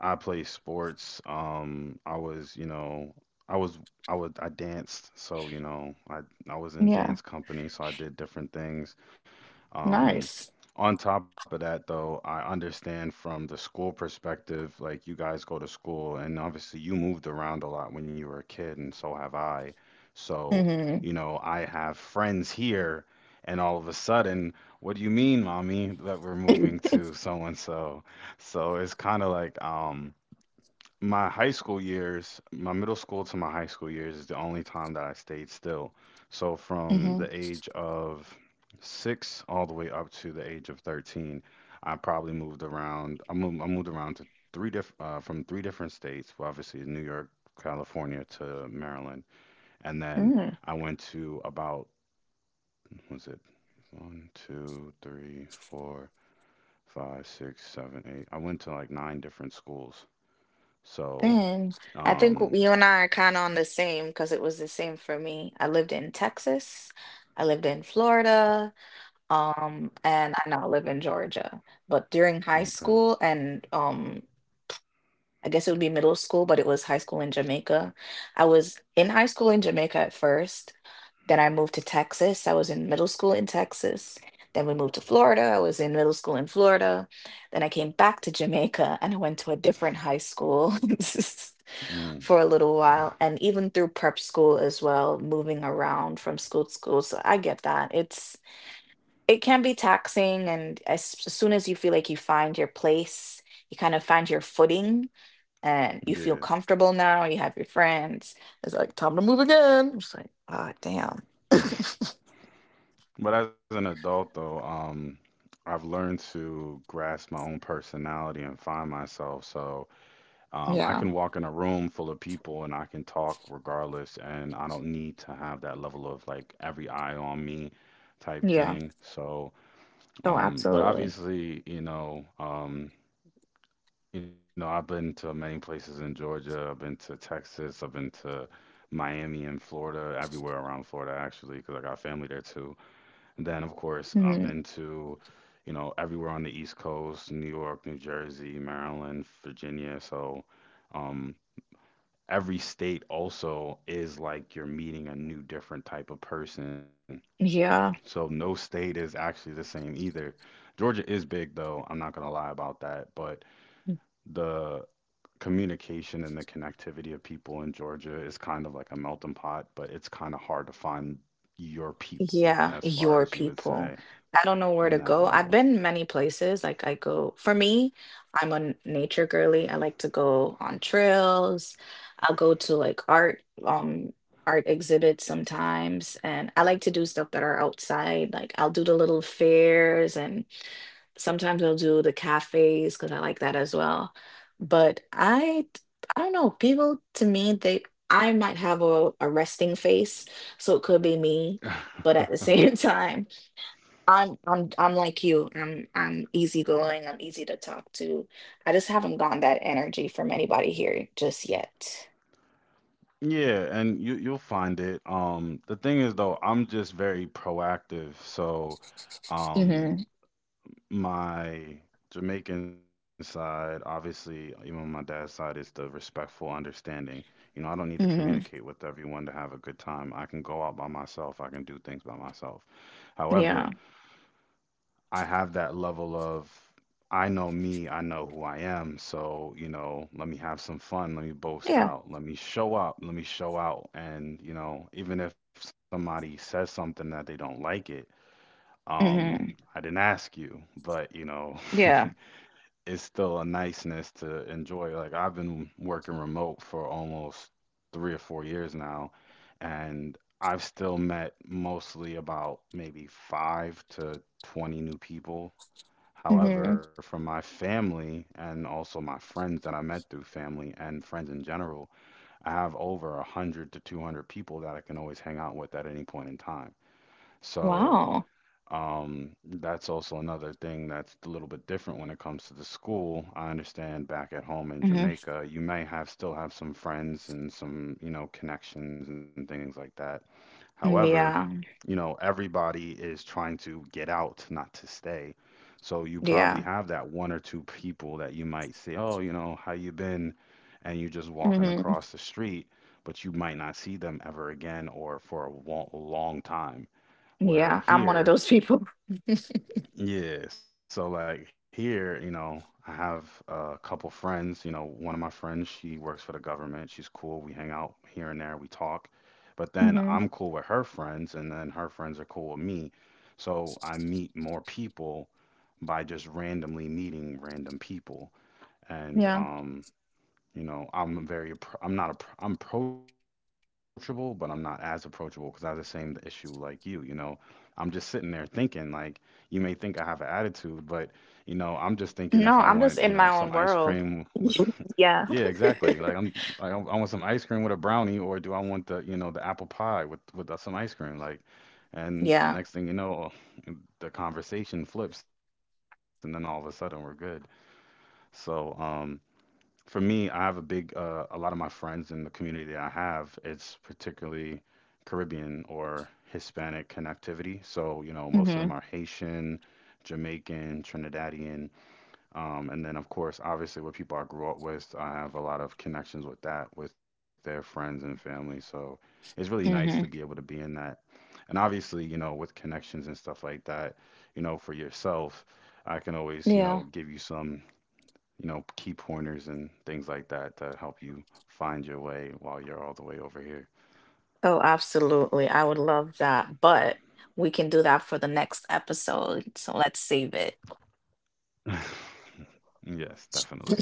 [SPEAKER 2] I play sports. I was, I would, I danced. So, you know, I was in
[SPEAKER 1] yeah.
[SPEAKER 2] dance company, so I did different things. Um,
[SPEAKER 1] Nice.
[SPEAKER 2] on top of that, though, I understand from the school perspective, like you guys go to school, and obviously you moved around a lot when you were a kid, and so have I. So,
[SPEAKER 1] hmm
[SPEAKER 2] you know, I have friends here, and all of a sudden, what do you mean, mommy, that we're moving to so and so? So it's kind of like, my middle school to my high school years is the only time that I stayed still. So from
[SPEAKER 1] hmm
[SPEAKER 2] the age of 6 all the way up to the age of 13, I probably moved around. I moved around to from three different states, well, obviously New York, California to Maryland. And then
[SPEAKER 1] Mm,
[SPEAKER 2] I went to about, was it one, two, three, four, five, six, seven, eight. I went to like nine different schools. So,
[SPEAKER 1] then I think
[SPEAKER 2] um,
[SPEAKER 1] you and I are kind of on the same, because it was the same for me. I lived in Texas, I lived in Florida, and I now live in Georgia. But during high
[SPEAKER 2] okay.
[SPEAKER 1] school and um, I guess it would be middle school, but it was high school in Jamaica. I was in high school in Jamaica at first. Then I moved to Texas. I was in middle school in Texas. Then we moved to Florida. I was in middle school in Florida. Then I came back to Jamaica and I went to a different high school
[SPEAKER 2] Mm,
[SPEAKER 1] for a little while. And even through prep school as well, moving around from school to school. So I get that. It's, it can be taxing. And as soon as you feel like you find your place, you kind of find your footing and you feel
[SPEAKER 2] yeah.
[SPEAKER 1] comfortable now, you have your friends. It's like time to move again. It's like, ah, damn.
[SPEAKER 2] But as an adult, though, I've learned to grasp my own personality and find myself. So I
[SPEAKER 1] Yeah.
[SPEAKER 2] can walk in a room full of people, and I can talk regardless, and I don't need to have that level of like every eye on me type
[SPEAKER 1] Yeah.
[SPEAKER 2] thing. So,
[SPEAKER 1] Oh,
[SPEAKER 2] but
[SPEAKER 1] absolutely.
[SPEAKER 2] obviously, you know, you know, I've been to many places in Georgia. I've been to Texas. I've been to Miami and Florida, everywhere around Florida actually, because I got family there too. And then, of course, I've
[SPEAKER 1] Mhm.
[SPEAKER 2] been to, you know, everywhere on the East Coast, New York, New Jersey, Maryland, Virginia. So, um, every state also is like you're meeting a new, different type of person. So,
[SPEAKER 1] Yeah.
[SPEAKER 2] no state is actually the same either. Georgia is big, though. I'm not gonna lie about that, but the communication and the connectivity of people in Georgia is kind of like a melting pot, but it's kind of hard to find your people
[SPEAKER 1] Yeah,
[SPEAKER 2] as far
[SPEAKER 1] your
[SPEAKER 2] as you would
[SPEAKER 1] people.
[SPEAKER 2] say
[SPEAKER 1] I don't know where to
[SPEAKER 2] in that
[SPEAKER 1] go. I've
[SPEAKER 2] level.
[SPEAKER 1] been many places. Like I go, for me, I'm a nature girly. I like to go on trails. I'll go to like art, art exhibits sometimes, and I like to do stuff that are outside. Like I'll do the little fairs and sometimes I'll do the cafes because I like that as well. But I don't know. People to me, they I might have a resting face, so it could be me. But at the same time, I'm like you. I'm easygoing. I'm easy to talk to. I just haven't gotten that energy from anybody here just yet.
[SPEAKER 2] Yeah, and you'll find it. The thing is though, I'm just very proactive, so um
[SPEAKER 1] hmm
[SPEAKER 2] my Jamaican side, obviously, even on my dad's side, is the respectful understanding. You know, I don't need to
[SPEAKER 1] hmm
[SPEAKER 2] communicate with everyone to have a good time. I can go out by myself, I can do things by myself.
[SPEAKER 1] Yeah.
[SPEAKER 2] However, I have that level of, I know me, I know who I am. So, you know, let me have some fun, let me boast
[SPEAKER 1] Yeah.
[SPEAKER 2] out, let me show up, let me show out. And, you know, even if somebody says something that they don't like it, um, I
[SPEAKER 1] hmm
[SPEAKER 2] didn't ask you, but, you know,
[SPEAKER 1] Yeah.
[SPEAKER 2] it's still a niceness to enjoy. Like I've been working remote for almost 3 or 4 years now, and I've still met mostly about maybe five to 20 new people.
[SPEAKER 1] hmm
[SPEAKER 2] However, from my family and also my friends that I met through family and friends in general, I have over 100 to 200 people that I can always hang out with at any point in time. So
[SPEAKER 1] Wow.
[SPEAKER 2] that's also another thing that's a little bit different when it comes to the school. I understand back at home in
[SPEAKER 1] hmm
[SPEAKER 2] Jamaica, you may have still have some friends and some, you know, connections and things like that. However,
[SPEAKER 1] Yeah.
[SPEAKER 2] you know, everybody is trying to get out, not to stay. So you probably
[SPEAKER 1] Yeah.
[SPEAKER 2] have that one or two people that you might say, "Oh, you know, how you been?" and you just walking
[SPEAKER 1] hmm
[SPEAKER 2] across the street, but you might not see them ever again or for a long time. Where
[SPEAKER 1] Yeah, I'm one of
[SPEAKER 2] here,
[SPEAKER 1] those people.
[SPEAKER 2] yeah, so like here, you know, I have a couple friends. You know, one of my friends, she works for the government. She's cool. We hang out here and there, we talk. But then
[SPEAKER 1] Mhm.
[SPEAKER 2] I'm cool with her friends, and then her friends are cool with me. So I meet more people by just randomly meeting random people. And
[SPEAKER 1] Yeah.
[SPEAKER 2] you know, I'm very, I'm not, I'm approachable, but I'm not as approachable because I have the same issue like you. You know, I'm just sitting there thinking, like, you may think I have an attitude, but, you know, I'm just thinking if I want,
[SPEAKER 1] No,
[SPEAKER 2] you
[SPEAKER 1] I'm
[SPEAKER 2] know,
[SPEAKER 1] just
[SPEAKER 2] some
[SPEAKER 1] in my
[SPEAKER 2] ice
[SPEAKER 1] own
[SPEAKER 2] cream
[SPEAKER 1] world.
[SPEAKER 2] with, yeah,
[SPEAKER 1] Yeah.
[SPEAKER 2] exactly. Like, I'm, like, I want some ice cream with a brownie, or do I want the, you know, the apple pie with some ice cream? Like, and
[SPEAKER 1] Yeah.
[SPEAKER 2] next thing you know, the conversation flips, and then all of a sudden we're good. So, for me, I have a lot of my friends in the community that I have, it's particularly Caribbean or Hispanic connectivity. So, you know, most of them
[SPEAKER 1] Mhm.
[SPEAKER 2] are Haitian, Jamaican, Trinidadian. And then, of course, obviously, what people I grew up with, I have a lot of connections with that, with their friends and family. So it's really nice to be able
[SPEAKER 1] Mhm.
[SPEAKER 2] to be in that. And obviously, you know, with connections and stuff like that, you know, for yourself, I can always, you
[SPEAKER 1] Yeah.
[SPEAKER 2] know, give you some key pointers and things like that to help you find your way while you're all the way over here.
[SPEAKER 1] Oh, absolutely. I would love that, but we can do that for the next episode. So let's save it.
[SPEAKER 2] Yes, definitely.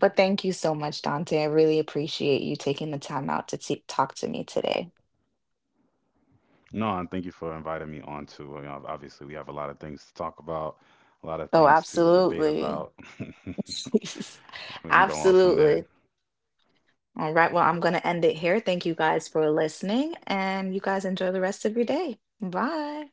[SPEAKER 1] But thank you so much, Dante. I really appreciate you taking the time out to t talk to me today.
[SPEAKER 2] No, and thank you for inviting me on to, you know, obviously we have a lot of things to talk about, a lot of
[SPEAKER 1] Oh,
[SPEAKER 2] things to debate
[SPEAKER 1] absolutely.
[SPEAKER 2] about, we can go on from
[SPEAKER 1] Absolutely.
[SPEAKER 2] there.
[SPEAKER 1] All right, well, I'm going to end it here. Thank you guys for listening, and you guys enjoy the rest of your day. Bye.